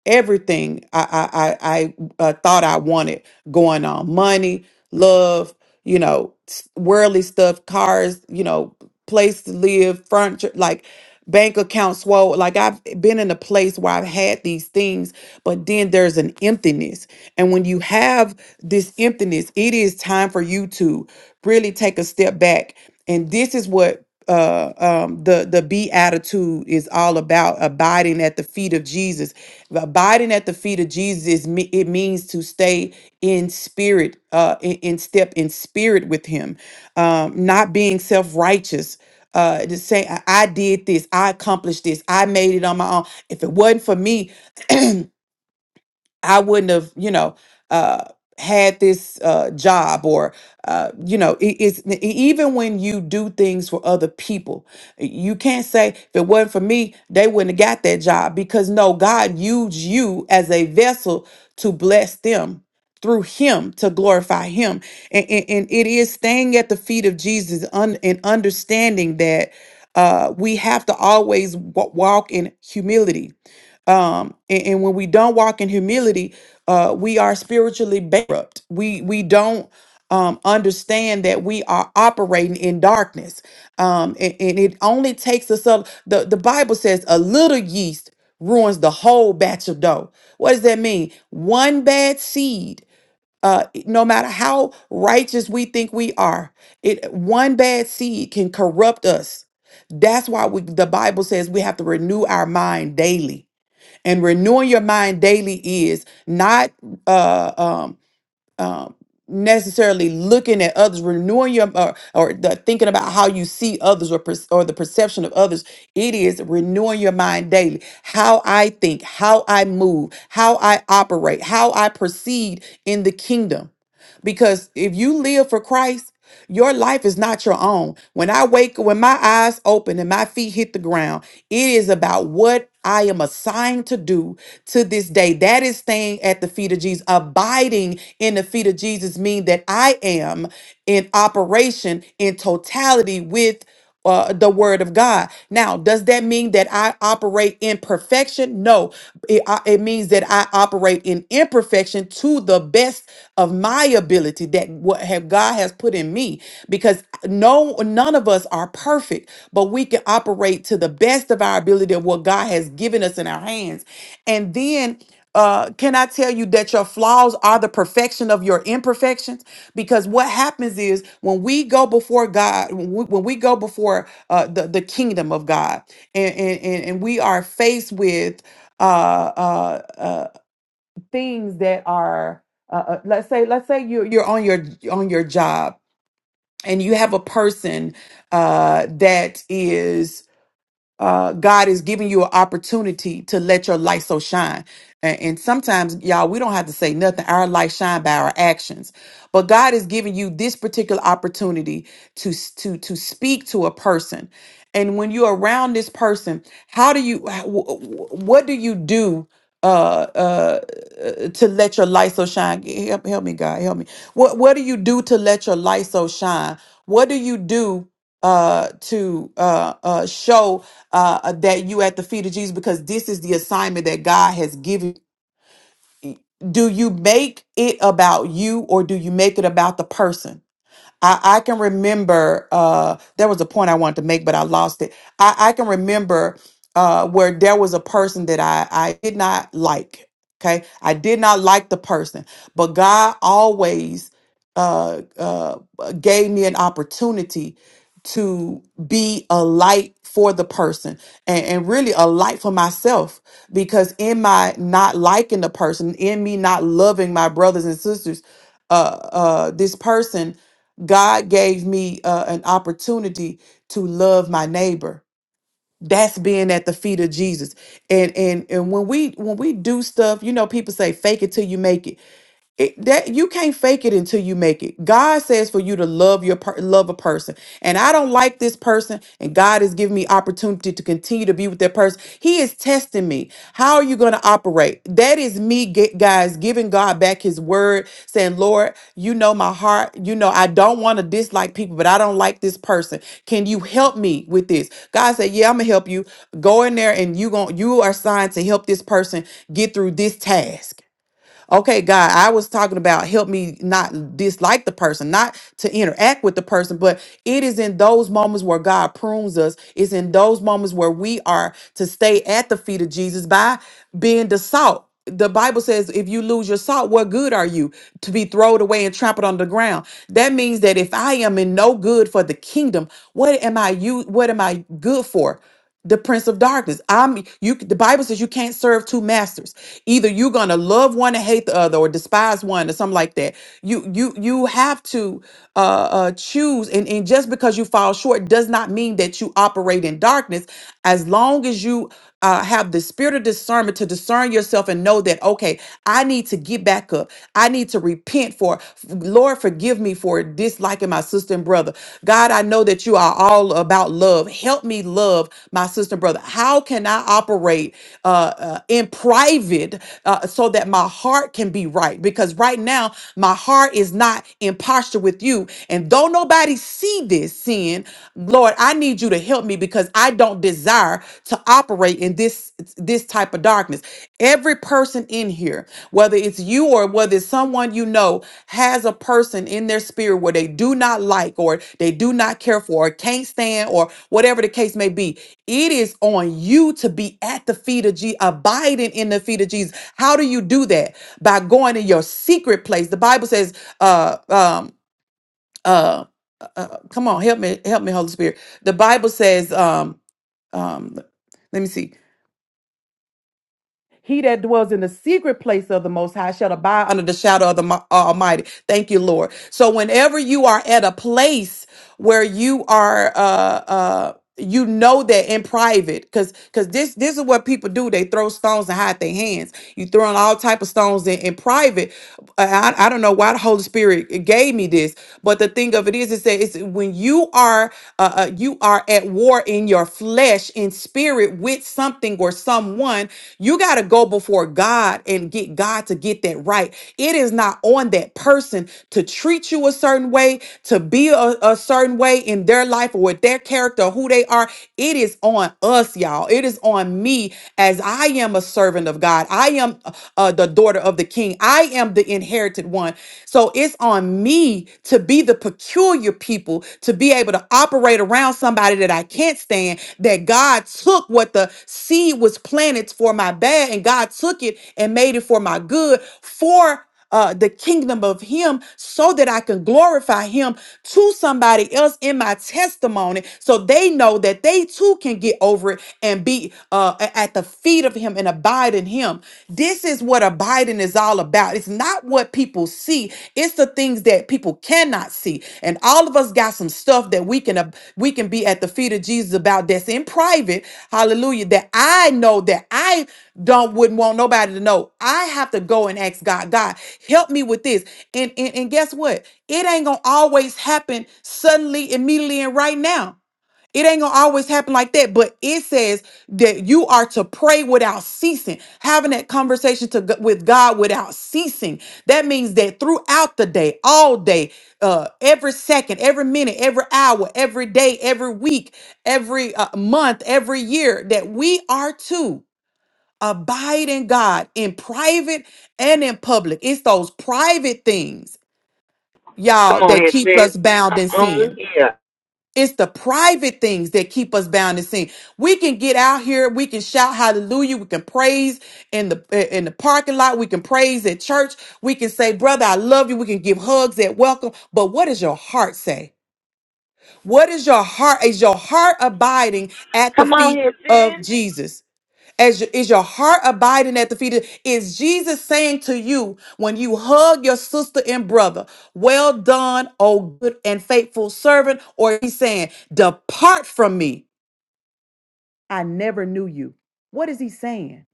Speaker 3: everything I I I, I uh, thought I wanted going on money, love, you know, s- worldly stuff, cars, you know, place to live, furniture, like bank account swole. Like I've been in a place where I've had these things, but then there's an emptiness, and when you have this emptiness, it is time for you to really take a step back, and this is what. Uh, um, the the beatitude is all about abiding at the feet of Jesus Abiding at the feet of Jesus, me- it means to stay in spirit, uh, in, in step in spirit with Him, um, not being self righteous. Uh, to say I I did this, I accomplished this, I made it on my own. If it wasn't for me, I wouldn't have, you know, uh, had this uh, job or, uh, you know, it, it's e- even when you do things for other people, you can't say if it wasn't for me, they wouldn't have got that job because no, God used you as a vessel to bless them through him to glorify him and, and, and it is staying at the feet of jesus un, and understanding that uh, we have to always wa- walk in humility um and, and when we don't walk in humility uh we are spiritually bankrupt we we don't um understand that we are operating in darkness um and, and it only takes us up the the bible says a little yeast ruins the whole batch of dough what does that mean one bad seed uh, no matter how righteous we think we are, it one bad seed can corrupt us. That's why we, the Bible says we have to renew our mind daily and renewing your mind daily is not uh, um, um, necessarily looking at others, renewing your or, or the, thinking about how you see others or perc- or the perception of others. It is renewing your mind daily. How I think, how I move, how I operate, how I proceed in the kingdom. Because if you live for Christ. Your life is not your own. When I wake, when my eyes open and my feet hit the ground, it is about what I am assigned to do to this day. That is staying at the feet of Jesus. Abiding in the feet of Jesus means that I am in operation in totality with uh, the word of God. Now, does that mean that I operate in perfection? No, it, I- it means that I operate in imperfection to the best of my ability that what have God has put in me because no none of us are perfect, but we can operate to the best of our ability of what God has given us in our hands. And then uh, can I tell you that your flaws are the perfection of your imperfections? Because what happens is when we go before God, when we, when we go before uh, the, the kingdom of God, and, and, and and we are faced with uh, uh, uh, things that are uh, uh, let's say let's say you're you're on your on your job and you have a person uh, that is uh, God is giving you an opportunity to let your light so shine. And, and sometimes, y'all, we don't have to say nothing. Our light shine by our actions. But God is giving you this particular opportunity to s- to to speak to a person. And when you're around this person, how do you? wh- wh- What do you do? Uh, uh, uh, to let your light so shine. Help, help me, God, help me. What What do you do to let your light so shine? What do you do? uh to uh uh show uh that you at the feet of Jesus because this is the assignment that God has given do you make it about you or do you make it about the person I, I can remember uh, there was a point I wanted to make, but I lost it. I, I can remember uh, where there was a person that I, I did not like. Okay. I did not like the person, but God always uh, uh, gave me an opportunity to be a light for the person and, and really a light for myself because in my not liking the person in me not loving my brothers and sisters uh uh this person God gave me uh, an opportunity to love my neighbor. That's being at the feet of Jesus. And and and when we when we do stuff, you know, people say fake it till you make it. It, that you can't fake it until you make it. God says for you to love your per, love a person, and I don't like this person, and God has given me opportunity to continue to be with that person. He is testing me. How are you going to operate? That is me, ge- guys, giving God back His word, saying, "Lord, you know my heart. You know I don't want to dislike people, but I don't like this person. Can you help me with this?" God said, "Yeah, I'm gonna help you. Go in there, and you gon' you are assigned to help this person get through this task." Okay, God, I was talking about help me not dislike the person, not to interact with the person, but it is in those moments where God prunes us. It's in those moments where we are to stay at the feet of Jesus by being the salt. The Bible says, if you lose your salt, what good are you to be thrown away and trampled on the ground? That means that if I am in no good for the kingdom, what am I you what am I good for? the prince of darkness i'm you the bible says you can't serve two masters either you're gonna love one and hate the other or despise one or something like that you you you have to uh, uh choose and, and just because you fall short does not mean that you operate in darkness as long as you uh, have the spirit of discernment to discern yourself and know that okay i need to get back up i need to repent for lord forgive me for disliking my sister and brother god i know that you are all about love help me love my sister and brother how can i operate uh, uh, in private uh, so that my heart can be right. Because right now, my heart is not in posture with you. And though nobody see this sin, Lord, I need you to help me because I don't desire to operate in this this type of darkness. Every person in here, whether it's you or whether it's someone you know, has a person in their spirit where they do not like or they do not care for or can't stand or whatever the case may be it is on you to be at the feet of Jesus, abiding in the feet of Jesus. How do you do that? By going to your secret place. The Bible says, uh, um, uh, uh, uh, come on, help me, help me, Holy Spirit. The Bible says, um, um, let me see. He that dwells in the secret place of the Most High shall abide under the shadow of the Mo- uh, Almighty. Thank you, Lord. So whenever you are at a place where you are, uh, uh, you know that in private, because because this this is what people do. They throw stones and hide their hands. You throwing all type of stones in, in private. I I don't know why the Holy Spirit gave me this but the thing of it is, is that it's when you are uh, uh, you are at war in your flesh, in spirit, with something or someone. You got to go before God and get God to get that right. It is not on that person to treat you a certain way, to be a, a certain way in their life or with their character, or who they are. It is on us, y'all. It is on me as I am a servant of God. I am uh, uh, the daughter of the King king. I am the inherited one. So it's on me to be the peculiar people, to be able to operate around somebody that I can't stand, that God took what the seed was planted for my bad and God took it and made it for my good for uh, the kingdom of Him so that I can glorify Him to somebody else in my testimony so they know that they too can get over it and be uh, a- at the feet of Him and abide in Him. This is what abiding is all about. It's not what people see, it's the things that people cannot not see. And all of us got some stuff that we can uh, we can be at the feet of Jesus about that's in private. Hallelujah. That I know that I don't wouldn't want nobody to know. I have to go and ask God, God, help me with this. And and, and guess what? It ain't gonna always happen suddenly, immediately, and right now. It ain't gonna always happen like that, but it says that you are to pray without ceasing, having that conversation to g- with God without ceasing. That means that throughout the day, all day, uh, every second, every minute, every hour, every day, every week, every uh, month, every year, that we are to abide in God in private and in public. It's those private things, y'all,
Speaker 1: Come on
Speaker 3: that
Speaker 1: here,
Speaker 3: keep
Speaker 1: sis.
Speaker 3: us bound
Speaker 1: Come
Speaker 3: in sin.
Speaker 1: on here.
Speaker 3: It's the private things that keep us bound and sin. We can get out here, we can shout hallelujah, we can praise in the in the parking lot, we can praise at church, we can say, "Brother, I love you." We can give hugs at welcome, but what does your heart say? What is your heart? Is your heart abiding at the
Speaker 1: Come on
Speaker 3: feet
Speaker 1: here,
Speaker 3: of
Speaker 1: sis.
Speaker 3: Jesus? As your, is your heart abiding at the feet of, is Jesus saying to you when you hug your sister and brother, well done, O good and faithful servant, or he's saying, depart from me. I never knew you. What is he saying?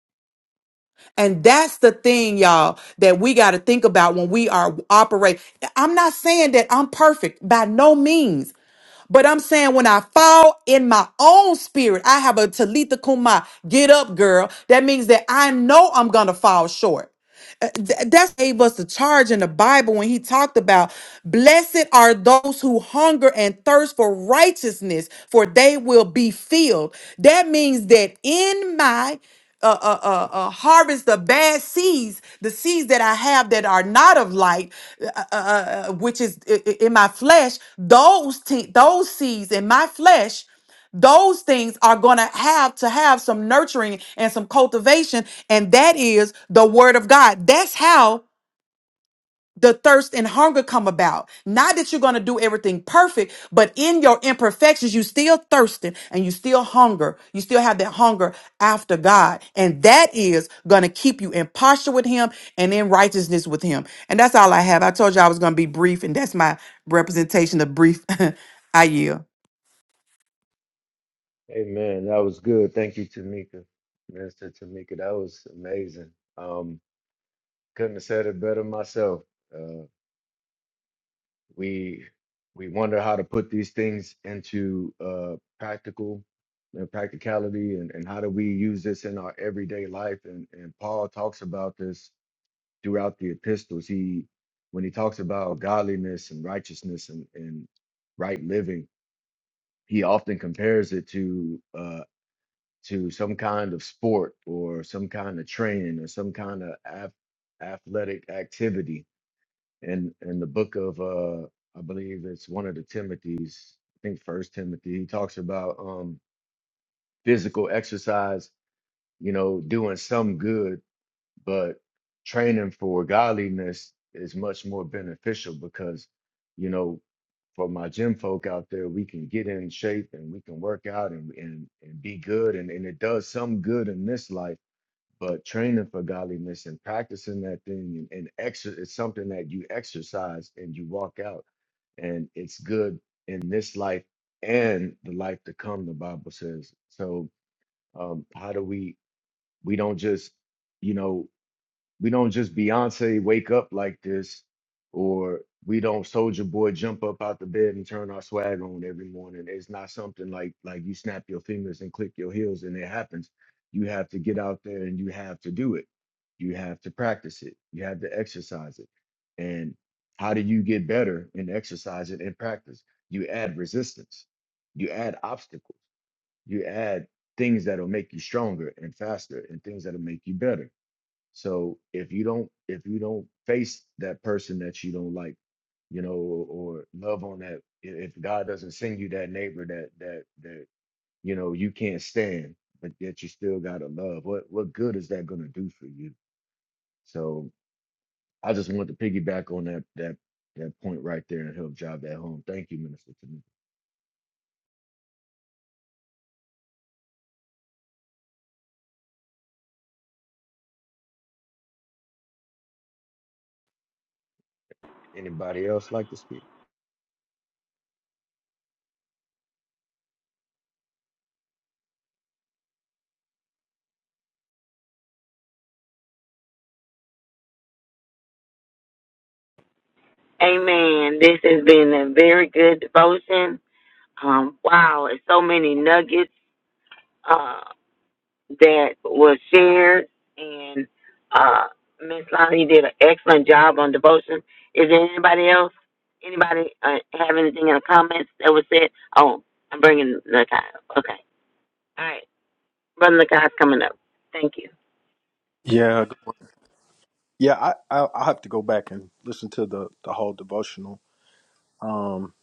Speaker 3: And that's the thing, y'all, that we got to think about when we are operate. I'm not saying that I'm perfect by no means. But I'm saying when I fall in my own spirit, I have a Talitha Kumai, get up, girl. That means that I know I'm going to fall short. Uh, th- that's gave us the charge in the Bible when he talked about blessed are those who hunger and thirst for righteousness, for they will be filled. That means that in my uh, uh, uh, uh, harvest the bad seeds, the seeds that I have that are not of light, uh, uh, uh, uh, which is i- i- in my flesh. Those te- those seeds in my flesh those things are going to have to have some nurturing and some cultivation and that is the word of god that's how the thirst and hunger come about not that you're going to do everything perfect but in your imperfections you still thirsting and you still hunger you still have that hunger after god and that is going to keep you in posture with him and in righteousness with him and that's all i have i told you i was going to be brief and that's my representation of brief i yield
Speaker 2: Hey man, That was good. Thank you, Tamika, Minister Tamika. That was amazing. Um, couldn't have said it better myself. Uh, we we wonder how to put these things into uh, practical and practicality, and, and how do we use this in our everyday life? And and Paul talks about this throughout the epistles, he when he talks about godliness and righteousness and, and right living, he often compares it to uh, to some kind of sport or some kind of training or some kind of ath- athletic activity. And in the book of uh, I believe it's one of the Timothy's, I think First Timothy, he talks about um, physical exercise, you know, doing some good but training for godliness is much more beneficial because you know for my gym folk out there we can get in shape and we can work out and and, and be good and, and it does some good in this life but training for godliness and practicing that thing and, and exer it's something that you exercise and you walk out and it's good in this life and the life to come the bible says so um how do we we don't just you know we don't just Beyonce wake up like this, or we don't Soldier Boy jump up out the bed and turn our swag on every morning. It's not something like like you snap your fingers and click your heels and it happens. You have to get out there and you have to do it. You have to practice it. You have to exercise it. And how do you get better and exercise it and practice? You add resistance. You add obstacles. You add things that'll make you stronger and faster and things that'll make you better so if you don't if you don't face that person that you don't like, you know, or, or love on that, i- if God doesn't send you that neighbor that that that you know you can't stand, but yet you still gotta love, what what good is that gonna do for you? So I just wanted to piggyback on that that that point right there and help job that home. Thank you, Minister. Tamika. Anybody else like to speak?
Speaker 1: Amen. This has been a very good devotion. Um, wow, it's so many nuggets uh, that were shared, and uh, Miss Lonnie did an excellent job on devotion. Is there anybody else? Anybody uh, have anything in the comments that was said? Oh, I'm bringing Lakai up. Okay. All right. Brother Lakai's coming up. Thank you.
Speaker 4: Yeah, good one. yeah. I, I I have to go back and listen to the the whole devotional. Um,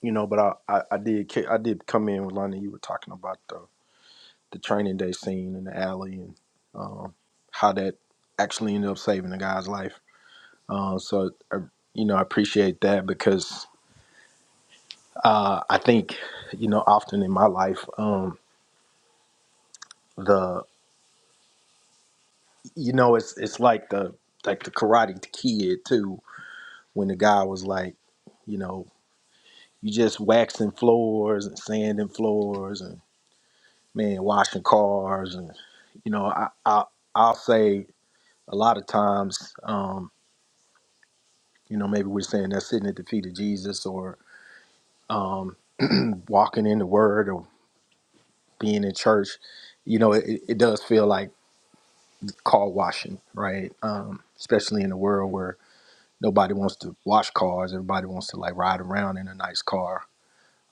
Speaker 4: you know, but I I, I did ca- I did come in with Lonnie. You were talking about the the training day scene in the alley and um, how that actually ended up saving the guy's life. Uh, so I, you know, I appreciate that because uh, I think you know often in my life um, the you know it's it's like the like the Karate Kid too when the guy was like. You know, You just waxing floors and sanding floors and man washing cars and you know I, I I'll say a lot of times um, you know maybe we're saying that sitting at the feet of Jesus or um, walking in the Word or being in church, you know it, it does feel like car washing, right? Um, especially in a world where nobody wants to wash cars, everybody wants to like ride around in a nice car.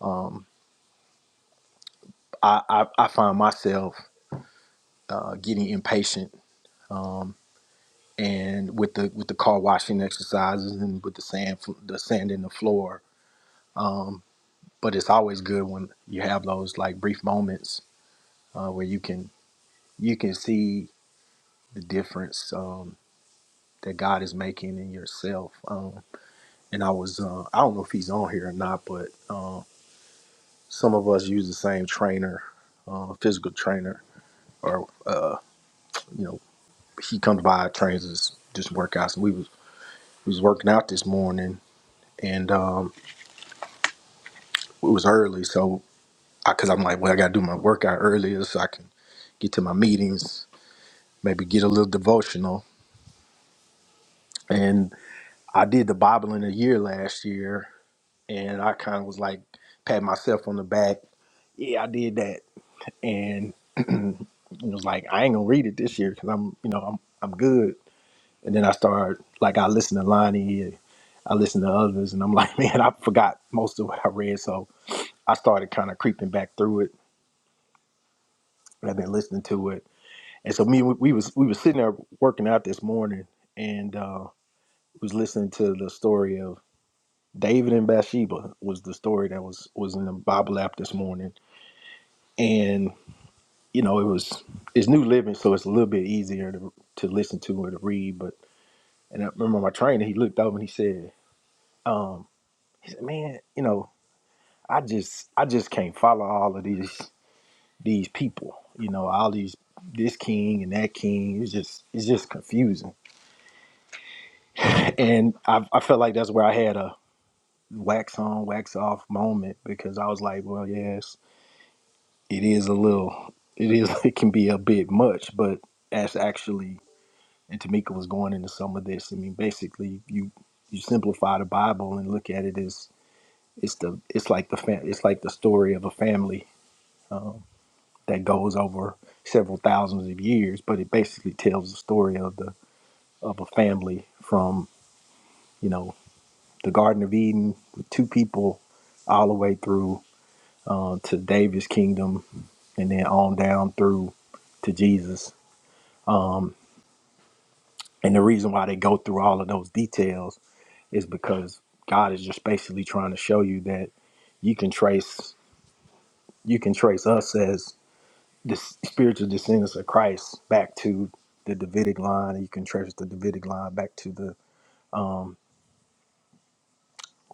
Speaker 4: Um, I, I I find myself uh, getting impatient um, and with the with the car washing exercises and with the sand fl- the sand in the floor. Um, but it's always good when you have those like brief moments uh, where you can you can see the difference um, that God is making in yourself. Um, and I was uh, I don't know if he's on here or not, but uh, some of us use the same trainer, uh, physical trainer, or you know he comes by trains us just workouts. And we was we was working out this morning, and. um, It was early, so I because I'm like, well, I gotta do my workout earlier so I can get to my meetings, maybe get a little devotional. And I did the Bible in a year last year, and I kind of was like, pat myself on the back. Yeah, I did that, and it was like I ain't gonna read it this year because I'm, you know, I'm I'm good. And then I started like I listened to Lonnie, and I listened to others, and I'm like, man, I forgot most of what I read. So I started kind of creeping back through it. And I've been listening to it, And so me, we, we was we was sitting there working out this morning, and uh, was listening to the story of David and Bathsheba was the story that was was in the Bible app this morning, and you know it was it's New Living, so it's a little bit easier to to listen to or to read. But and I remember my trainer, he looked over and he said, um, he said, "Man, you know, I just I just can't follow all of these these people, you know, all these." this king and that king it's just it's just confusing and I, I felt like that's where I had a wax on, wax off moment because I was like, well, yes, it is a little, it is, it can be a bit much, but as actually, and Tamika was going into some of this. I mean, basically, you you simplify the Bible and look at it as it's the it's like the fam- it's like the story of a family um, that goes over several thousands of years, but it basically tells the story of the of a family from you know the Garden of Eden with two people all the way through uh, to David's kingdom and then on down through to Jesus. Um, and the reason why they go through all of those details is because God is just basically trying to show you that you can trace you can trace us as the spiritual descendants of Christ back to the Davidic line. and You can trace the Davidic line back to the um,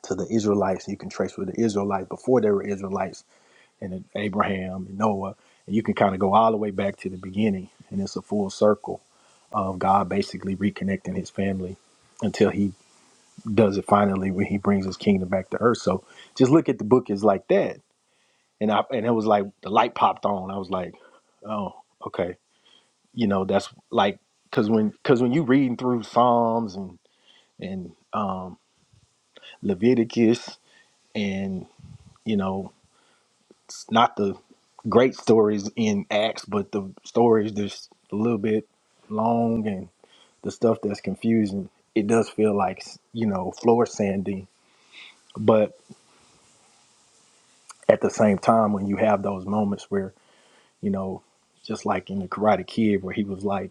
Speaker 4: to the Israelites. You can trace with the Israelites before they were Israelites and Abraham and Noah, and you can kind of go all the way back to the beginning, and it's a full circle of God basically reconnecting His family until He does it finally when He brings His kingdom back to earth. So just look at the book as like that, and I and it was like the light popped on. I was like, oh, okay, you know that's like because when because when you reading through Psalms and and um, Leviticus and you know It's not the great stories in Acts, but the stories that's a little bit long and the stuff that's confusing, it does feel like, you know, floor sanding. But at the same time, when you have those moments where, you know, just like in the Karate Kid, where he was like,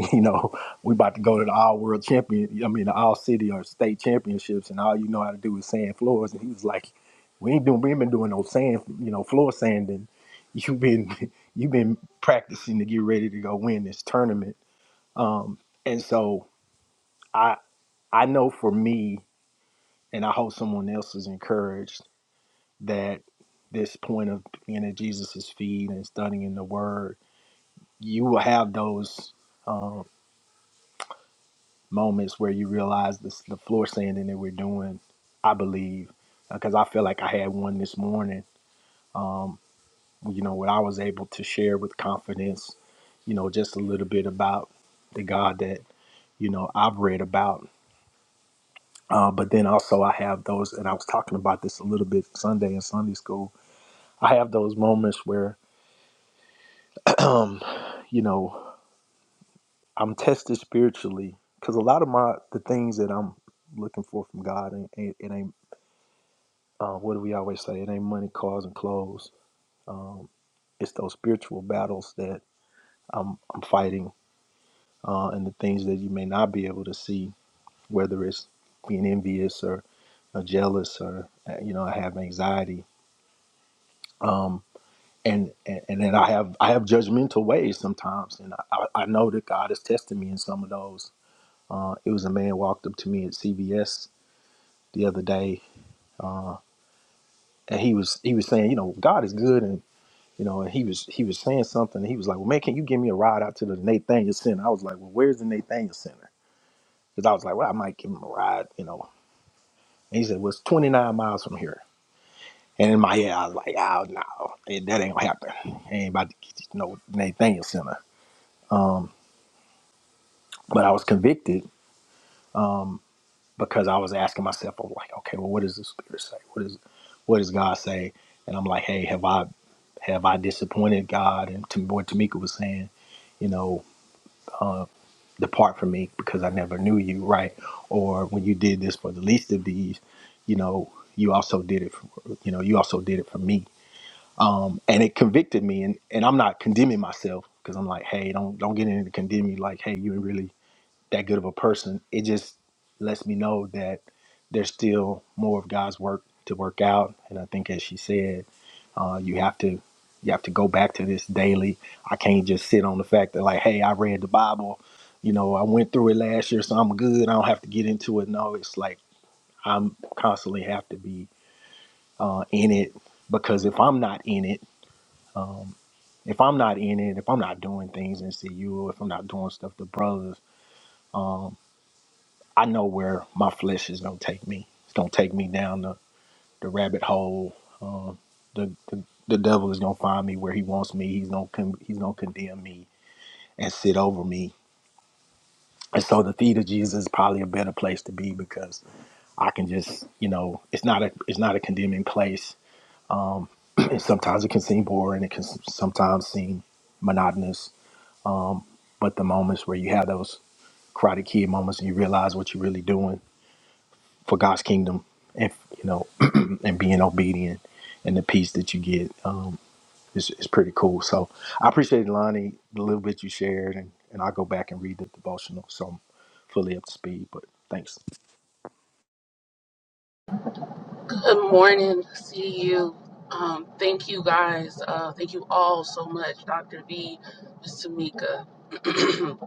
Speaker 4: you know, we about to go to the all world champion, I mean, the all city or state championships, and all you know how to do is sand floors. And he was like, we ain't doing, we ain't been doing no sand, you know, floor sanding. You've been, you've been practicing to get ready to go win this tournament. Um, and so I, I know for me, and I hope someone else is encouraged that this point of being at Jesus's feet and studying the Word, you will have those. um, moments where you realize this, the floor sanding that we're doing. I believe because I feel like I had one this morning. Um, you know, where I was able to share with confidence, you know, just a little bit about the God that you know I've read about. Uh, but then also I have those, and I was talking about this a little bit Sunday in Sunday school. I have those moments where, um, you know, I'm tested spiritually because a lot of my the things that I'm looking for from God, and it, it ain't Uh, what do we always say? It ain't money, cars, and clothes. Um, it's those spiritual battles that I'm, I'm fighting uh, and the things that you may not be able to see, whether it's being envious or, or jealous or, uh, you know, I have anxiety. Um, and, and, and then I have I have judgmental ways sometimes. And I, I I know that God has tested me in some of those. Uh, it was a man walked up to me at CVS the other day uh, and he was he was saying, you know, God is good, and you know, and he was he was saying something. And he was like, "Well, man, can you give me a ride out to the Nathaniel Center?" I was like, "Well, where's the Nathaniel Center?" Because I was like, "Well, I might give him a ride," you know. And he said, "Well, it's 29 miles from here." And in my head, I was like, "Oh no, eh, that ain't gonna happen. I ain't about to get to no Nathaniel Center." Um, but I was convicted um, because I was asking myself, "I was like, okay, well, what does the Spirit say? What is what does God say?" And I'm like, "Hey, have I have I disappointed God?" And to what Tamika was saying, you know. um, depart from me because I never knew you, right? Or when you did this for the least of these, you know, you also did it for, you know, you also did it for me. Um, and it convicted me and, and I'm not condemning myself because I'm like, hey, don't don't get into condemning like, hey, you really that good of a person. It just lets me know that there's still more of God's work to work out. And I think, as she said, uh, you have to you have to go back to this daily. I can't just sit on the fact that like, hey, I read the Bible. You know, I went through it last year, so I'm good. I don't have to get into it. No, it's like I'm constantly have to be uh, in it because if I'm not in it, um, if I'm not in it, if I'm not doing things in CU, if I'm not doing stuff to brothers um, I know where my flesh is gonna take me. It's gonna take me down the, the rabbit hole. Um, the, the the devil is gonna find me where he wants me. He's gonna con- he's gonna condemn me and sit over me. And so the feet of Jesus is probably a better place to be because I can just you know it's not a it's not a condemning place. and sometimes it can seem boring. It can s- sometimes seem monotonous. But the moments where you have those Karate Kid moments and you realize what you're really doing for God's kingdom and you know and being obedient and the peace that you get um, is, is pretty cool. So I appreciate Lonnie the little bit you shared and, and I'll go back and read the devotional so I'm fully up to speed. But thanks.
Speaker 5: Good morning, CU. Um, thank you guys. Uh, thank you all so much, Dr. V, Ms. Tamika,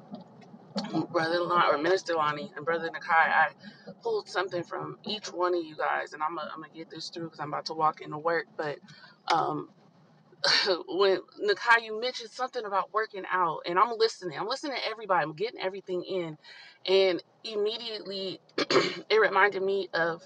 Speaker 5: Brother Lon, or Minister Lonnie, and Brother Nakai. I pulled something from each one of you guys, and I'm gonna I'm gonna get this through because I'm about to walk into work. But um, when Nakai, you mentioned something about working out, and I'm listening. I'm listening to everybody. I'm getting everything in, and immediately it reminded me of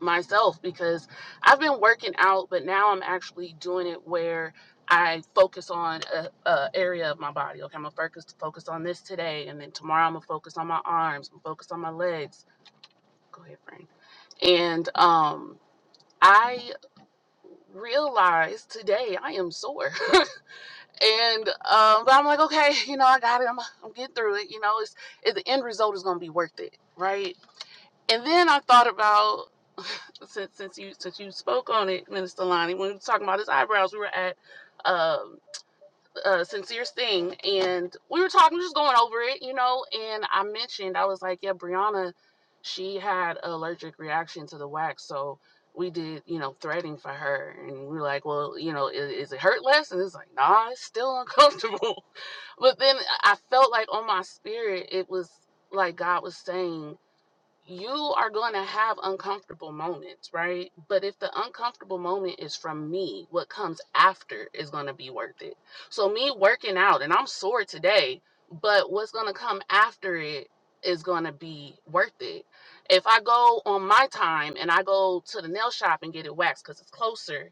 Speaker 5: myself because I've been working out, but now I'm actually doing it where I focus on a, a area of my body. Okay, I'm gonna focus focus on this today, and then tomorrow I'm gonna focus on my arms, I'm focus on my legs. Go ahead, Frank. And um, I realized today I am sore, and um, but I'm like, okay, you know, I got it. I'm I'm getting through it. You know, it's it, the end result is gonna be worth it, right? And then I thought about since since you since you spoke on it, Minister Lonnie, when we were talking about his eyebrows, we were at um uh sincere thing and we were talking just going over it, you know, and I mentioned I was like, Yeah, Brianna, she had an allergic reaction to the wax, so we did, you know, threading for her and we were like, Well, you know, is, is it hurt less? And it's like, nah, it's still uncomfortable. but then I felt like on my spirit it was like God was saying you are going to have uncomfortable moments, right? But if the uncomfortable moment is from me, what comes after is going to be worth it. So, me working out, and I'm sore today, but what's going to come after it is going to be worth it. If I go on my time and I go to the nail shop and get it waxed because it's closer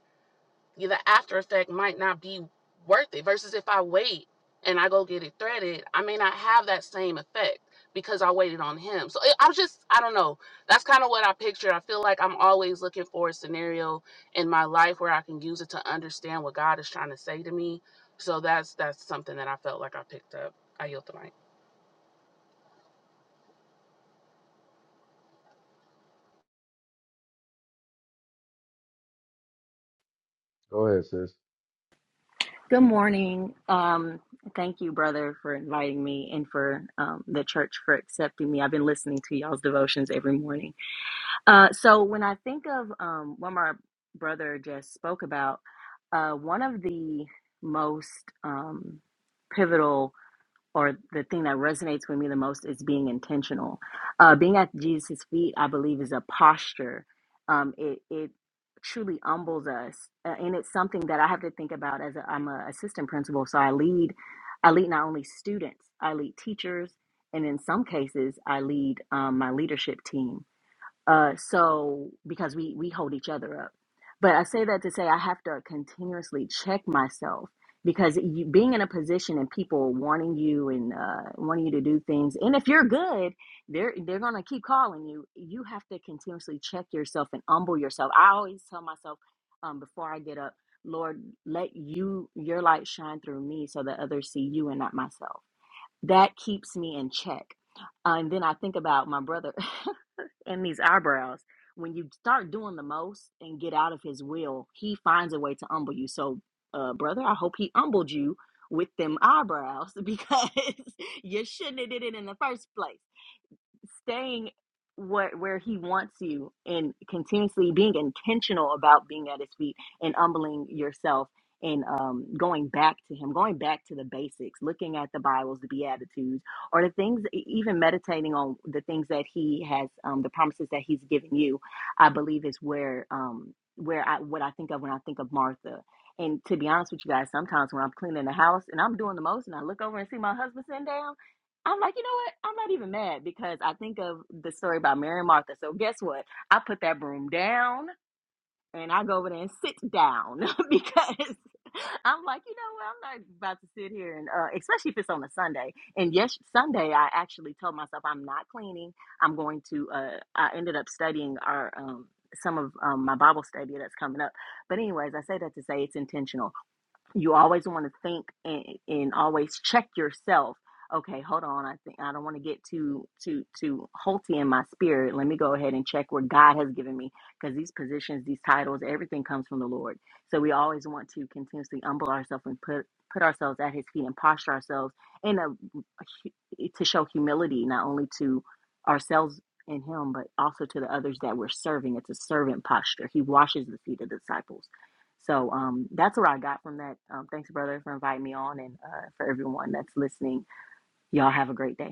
Speaker 5: yeah, the after effect might not be worth it versus if I wait and I go get it threaded, I may not have that same effect because I waited on him. So it, I'm just, I don't know. That's kind of what I picture. I feel like I'm always looking for a scenario in my life where I can use it to understand what God is trying to say to me. So that's that's something that I felt like I picked up. I yield the mic.
Speaker 2: Go ahead, sis.
Speaker 6: Good morning. Um, thank you, brother, for inviting me and for um, the church for accepting me. I've been listening to y'all's devotions every morning. Uh, so when I think of um, what my brother just spoke about, uh, one of the most um, pivotal or the thing that resonates with me the most is being intentional. Uh, being at Jesus' feet, I believe, is a posture. Um, it it truly humbles us, uh, and it's something that I have to think about as a, I'm a assistant principal. So I lead, I lead not only students, I lead teachers, and in some cases, I lead um, my leadership team. Uh, so because we we hold each other up, but I say that to say I have to continuously check myself because you, being in a position and people wanting you and uh, wanting you to do things, and if you're good, they're they're gonna keep calling you. You have to continuously check yourself and humble yourself. I always tell myself um, before I get up, Lord, let you your light shine through me so that others see you and not myself. That keeps me in check. Uh, and then I think about my brother. and these eyebrows. When you start doing the most and get out of his will, he finds a way to humble you. So, uh, brother, I hope he humbled you with them eyebrows because you shouldn't have did it in the first place staying what where he wants you and continuously being intentional about being at his feet and humbling yourself and um, going back to him going back to the basics looking at the bibles the beatitudes or the things e- even meditating on the things that he has um, the promises that he's given you i believe is where um, where i what i think of when i think of martha and to be honest with you guys sometimes when i'm cleaning the house and i'm doing the most and i look over and see my husband sitting down I'm like, you know what? I'm not even mad because I think of the story about Mary and Martha. So guess what? I put that broom down and I go over there and sit down because I'm like, you know what? I'm not about to sit here and, uh, especially if it's on a Sunday. And yes, Sunday I actually told myself I'm not cleaning. I'm going to. Uh, I ended up studying our um, some of um, my Bible study that's coming up. But anyways, I say that to say it's intentional you always want to think and, and always check yourself okay hold on i think i don't want to get too too too halty in my spirit let me go ahead and check where god has given me because these positions these titles everything comes from the lord so we always want to continuously humble ourselves and put put ourselves at his feet and posture ourselves in a hu- eh, to show humility not only to ourselves and him but also to the others that we're serving it's a servant posture he washes the feet of the disciples so um, that's what I got from that. Um, thanks, brother, for inviting me on, and uh, for everyone that's listening. Y'all have a great day.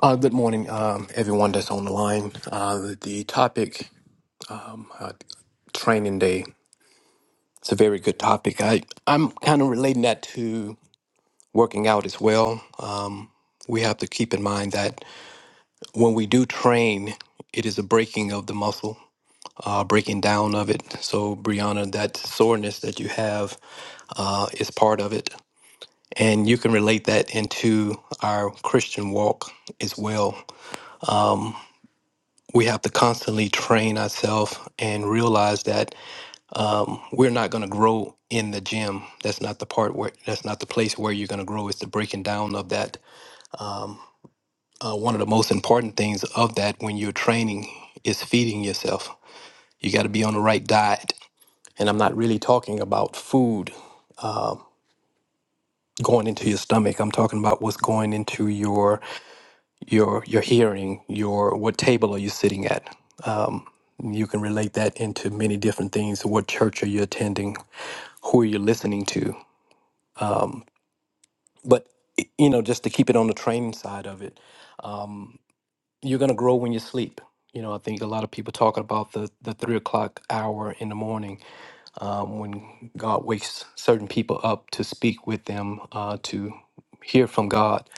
Speaker 7: Uh, good morning, um, everyone that's on the line. Uh, the topic, uh, training day, it's a very good topic. I, I'm kind of relating that to working out as well. Um, we have to keep in mind that when we do train, it is a breaking of the muscle, uh, breaking down of it. So, Brianna, that soreness that you have uh, is part of it. And you can relate that into our Christian walk as well. we have to constantly train ourselves and realize that we're not going to grow in the gym. That's not the part where that's not the place where you're going to grow. It's the breaking down of that. Uh, one of the most important things of that when you're training is feeding yourself. You got to be on the right diet. And I'm not really talking about food uh, going into your stomach. I'm talking about what's going into your your your hearing. Your what table are you sitting at? Um, you can relate that into many different things. What church are you attending? who you're listening to. Um, but y- you know, just to keep it on the training side of it, um, you're gonna grow when you sleep. You know, I think a lot of people talking about the the three o'clock hour in the morning um, when God wakes certain people up to speak with them uh, to hear from God.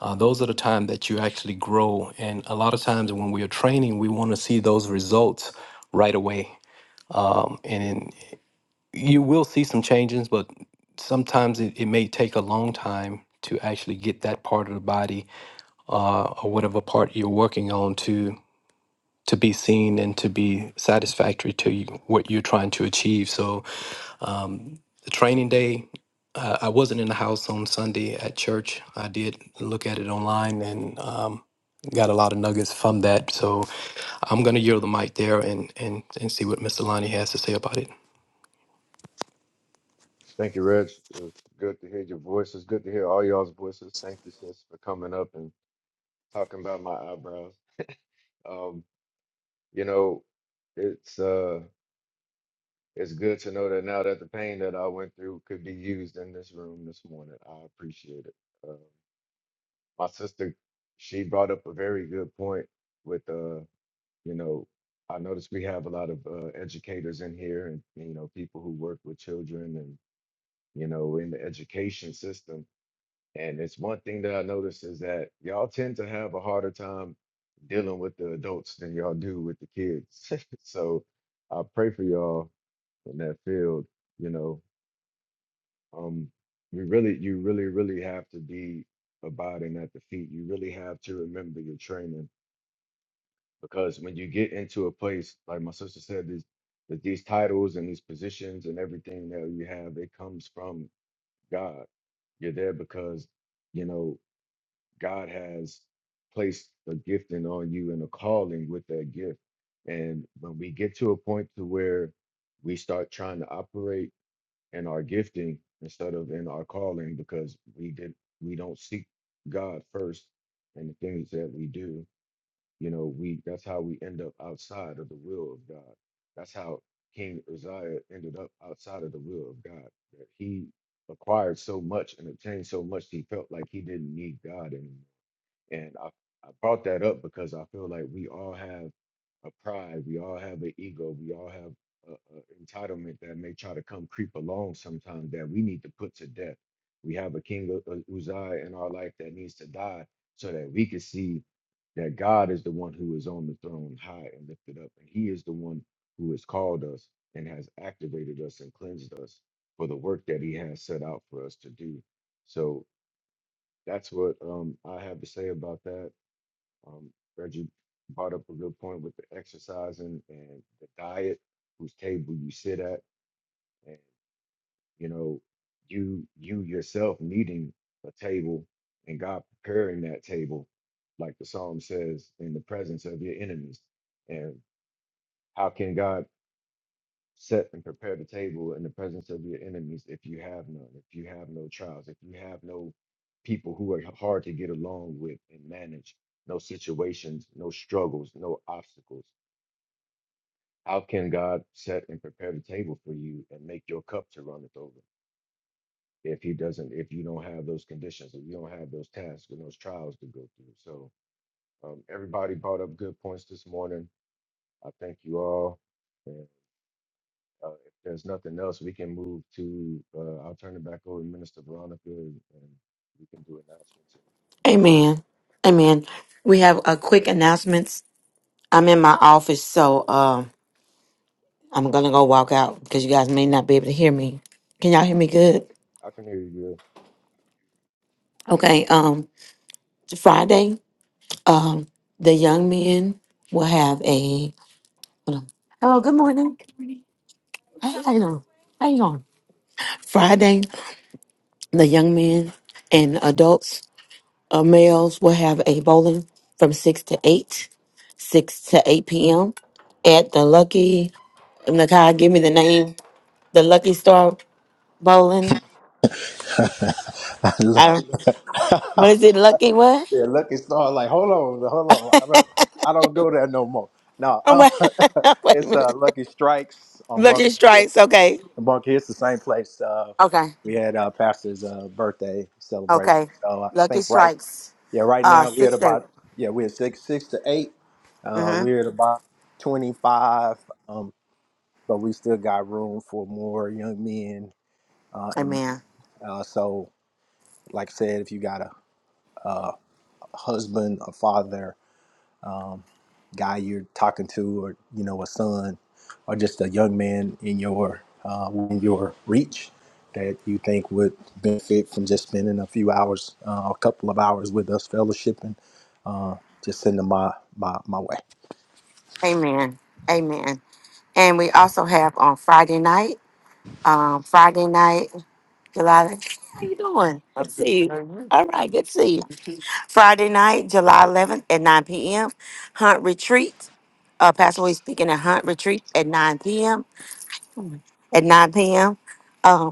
Speaker 7: Uh, those are the time that you actually grow, and a lot of times when we are training, we want to see those results right away. Um, and you will see some changes, but sometimes it, it may take a long time to actually get that part of the body uh, or whatever part you're working on to to be seen and to be satisfactory to you, what you're trying to achieve. So um, the training day, uh, I wasn't in the house on Sunday at church. I did look at it online and um, got a lot of nuggets from that. So I'm going to yield the mic there and, and, and see what Mr. Lonnie has to say about it.
Speaker 2: Thank you, Reg. It was good to hear your voices. Good to hear all y'all's voices. Thank you, sis, for coming up and talking about my eyebrows. Um, you know, it's uh it's good to know that now that the pain that I went through could be used in this room this morning. I appreciate it. Uh, my sister, she brought up a very good point with uh, you know, I noticed we have a lot of uh, educators in here and you know, people who work with children and you know, in the education system And it's one thing that I noticed is that y'all tend to have a harder time dealing with the adults than y'all do with the kids. so I pray for y'all in that field. You know, um, you really, you really, really have to be abiding at the feet. You really have to remember your training because when you get into a place, like my sister said, this, that these titles and these positions and everything that you have, it comes from God. You're there because, you know, God has placed a gifting on you and a calling with that gift. And when we get to a point to where we start trying to operate in our gifting instead of in our calling because we did we don't seek God first and the things that we do, you know, we that's how we end up outside of the will of God. That's how King Uzziah ended up outside of the will of God. That he acquired so much and obtained so much he felt like he didn't need God anymore. And I, I brought that up because I feel like we all have a pride, we all have an ego, we all have a, a entitlement that may try to come creep along sometimes that we need to put to death. We have a king of of Uzziah in our life that needs to die so that we can see that God is the one who is on the throne, high and lifted up, and He is the one who has called us and has activated us and cleansed us for the work that He has set out for us to do. So that's what um, I have to say about that. Um, Reggie brought up a good point with the exercising and the diet, whose table you sit at, and you know, you you yourself needing a table and God preparing that table, like the psalm says, in the presence of your enemies. And how can God set and prepare the table in the presence of your enemies if you have none, if you have no trials, if you have no people who are hard to get along with and manage? no situations, no struggles, no obstacles. How can God set and prepare the table for you and make your cup to runneth over if He doesn't, if you don't have those conditions, if you don't have those tasks and those trials to go through? So, um, everybody brought up good points this morning. I thank you all. And uh, if there's nothing else, we can move to, uh, I'll turn it back over to Minister Veronica and, and we can do announcements.
Speaker 1: Amen. Amen. We have a quick announcements. I'm in my office, so um I'm gonna go walk out because you guys may not be able to hear me. Can y'all hear me good?
Speaker 2: I can hear you.
Speaker 1: Okay. Um, Friday, um, the young men will have a. Hello. Good morning. Hey, how you doing? How you doing? Friday, the young men and adults, uh, males, will have a bowling from six to eight, six to eight p.m. at the Lucky. Nakai, give me the name. The Lucky Star Bowling.
Speaker 4: yeah,
Speaker 1: I, what is it? Lucky what?
Speaker 4: lucky star. Like hold on, hold on. I don't I don't go there no more. No,
Speaker 1: Oh,
Speaker 4: um,
Speaker 1: wait, wait a
Speaker 4: it's
Speaker 1: minute.
Speaker 4: uh, Lucky Strikes on Bunker
Speaker 1: Lucky
Speaker 4: Hill.
Speaker 1: strikes. Okay.
Speaker 4: Bunker Hill, it's the same place. Uh,
Speaker 1: Okay.
Speaker 4: we had uh, pastor's uh, birthday celebration.
Speaker 1: Okay.
Speaker 4: So I
Speaker 1: Lucky
Speaker 4: think right
Speaker 1: strikes.
Speaker 4: Yeah, right
Speaker 1: Uh
Speaker 4: now we're at
Speaker 1: six eight.
Speaker 4: about yeah we're at six six to eight. Uh,
Speaker 1: Mm-hmm.
Speaker 4: we're at about twenty five, um, but we still got room for more young men uh, and
Speaker 1: Amen.
Speaker 4: uh, so like I said, if you got a, a husband, a father um, guy you're talking to, or you know, a son, or just a young man in your uh, in your reach that you think would benefit from just spending a few hours, uh, a couple of hours with us, fellowshipping. Uh, just send them my my my way.
Speaker 1: Amen. Amen. And we also have on Friday night. Um Friday night, July how you doing? Good to see you. Mhm. All right, good to see you. Friday night, July eleventh at nine PM. Hunt retreat. Uh Pastor Louis speaking at Hunt Retreat at nine PM. At nine PM.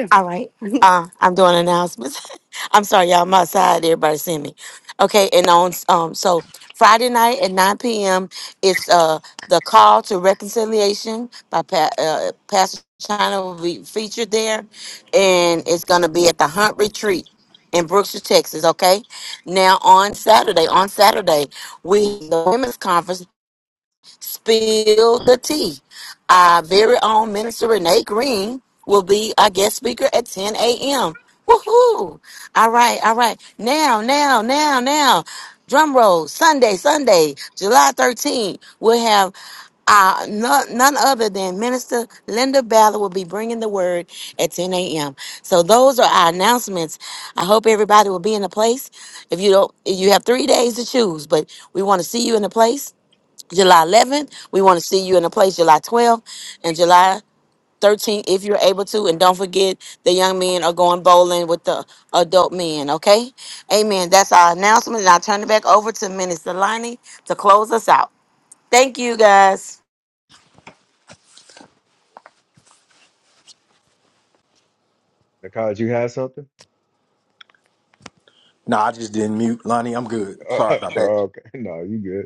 Speaker 1: Yes. All right. Uh, I'm doing announcements. I'm sorry, y'all. I'm outside. Everybody seeing me. Okay. And on um, so Friday night at 9 p.m. It's uh the call to reconciliation by pa- uh, Pastor China will be featured there, and it's gonna be at the Hunt Retreat in Brookshire, Texas. Okay. Now on Saturday, on Saturday we the women's conference spill the tea. Our very own Minister Renee Green will be our guest speaker at 10 a.m. Woohoo! All right, all right. Now, now, now, now. Drum roll, Sunday, Sunday, July 13th, we'll have uh, no, none other than Minister Linda Ballard will be bringing the word at 10 a.m. So those are our announcements. I hope everybody will be in a place. If you don't, you have three days to choose, but we want to see you in a place July 11th. We want to see you in a place July 12th and July 13th if you're able to. And don't forget, the young men are going bowling with the adult men, okay? Amen. That's our announcement. And I'll turn it back over to Minister Lonnie to close us out. Thank you, guys.
Speaker 2: Good. Nikai, you had something?
Speaker 4: No, I just didn't mute, Lonnie. I'm good. Sorry about that.
Speaker 2: Oh, okay, no, you good.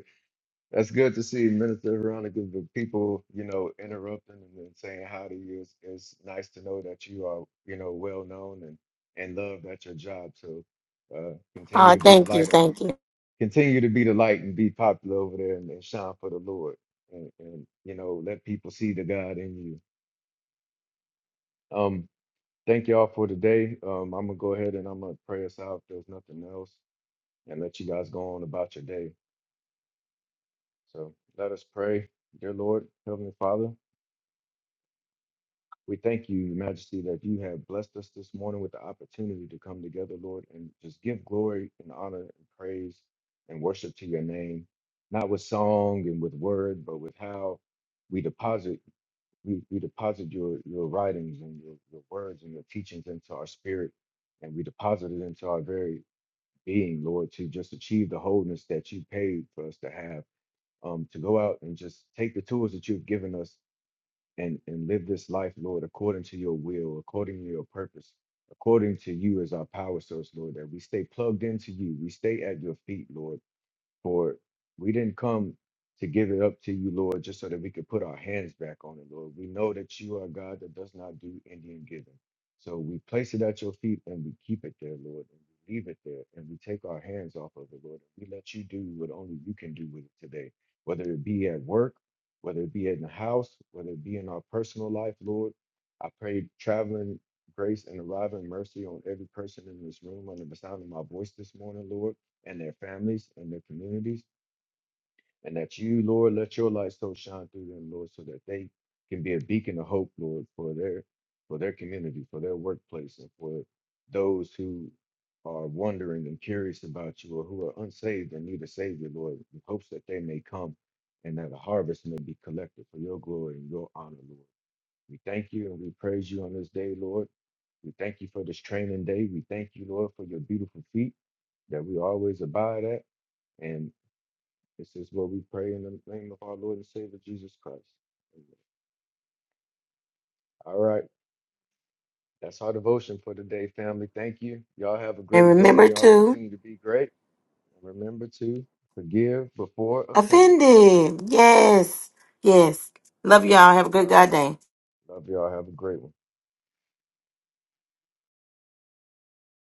Speaker 2: That's good to see Minister Veronica, the people, you know, interrupting and then saying hi to you. It's, it's nice to know that you are, you know, well known and, and loved at your job. So uh, continue
Speaker 1: Uh,
Speaker 2: to be the
Speaker 1: thank you.
Speaker 2: light up.
Speaker 1: Thank you.
Speaker 2: Continue to be the light and be popular over there and, and shine for the Lord. And, and, you know, let people see the God in you. Um, thank y'all for today. Um, I'm going to go ahead and I'm going to pray us out if there's nothing else and let you guys go on about your day. So let us pray. Dear Lord, Heavenly Father. We thank you, Your Majesty, that you have blessed us this morning with the opportunity to come together, Lord, and just give glory and honor and praise and worship to your name, not with song and with word, but with how we deposit we, we deposit your your writings and your, your words and your teachings into our spirit, and we deposit it into our very being, Lord, to just achieve the wholeness that you paid for us to have, um, to go out and just take the tools that you've given us and and live this life, Lord, according to your will, according to your purpose, according to you as our power source, Lord, that we stay plugged into you. We stay at your feet, Lord for We didn't come to give it up to you, Lord, just so that we could put our hands back on it, Lord. We know that you are a God that does not do Indian giving. So we place it at your feet and we keep it there, Lord, and we leave it there and we take our hands off of it, Lord. We let you do what only you can do with it today, whether it be at work, whether it be in the house, whether it be in our personal life, Lord. I pray traveling grace and arriving mercy on every person in this room under the sound of my voice this morning, Lord and their families and their communities. And that you, Lord, let your light so shine through them, Lord, so that they can be a beacon of hope, Lord, for their for their community, for their workplace, and for those who are wondering and curious about you or who are unsaved and need a savior, Lord, in hopes that they may come and that a harvest may be collected for your glory and your honor, Lord. We thank you and we praise you on this day, Lord. We thank you for this training day. We thank you, Lord, for your beautiful feet that we always abide at. And this is what we pray in the name of our Lord and Savior Jesus Christ. Amen. All right. That's our devotion for today, family. Thank you. Y'all have a
Speaker 1: And
Speaker 2: great day.
Speaker 1: remember
Speaker 2: Y'all
Speaker 1: to
Speaker 2: continue to be great. And remember to forgive before offended.
Speaker 1: offend him. Yes. Yes.
Speaker 2: Yeah.
Speaker 1: Love y'all. Have a good
Speaker 2: All
Speaker 1: God
Speaker 2: right.
Speaker 1: day.
Speaker 2: Love y'all. Have a great one.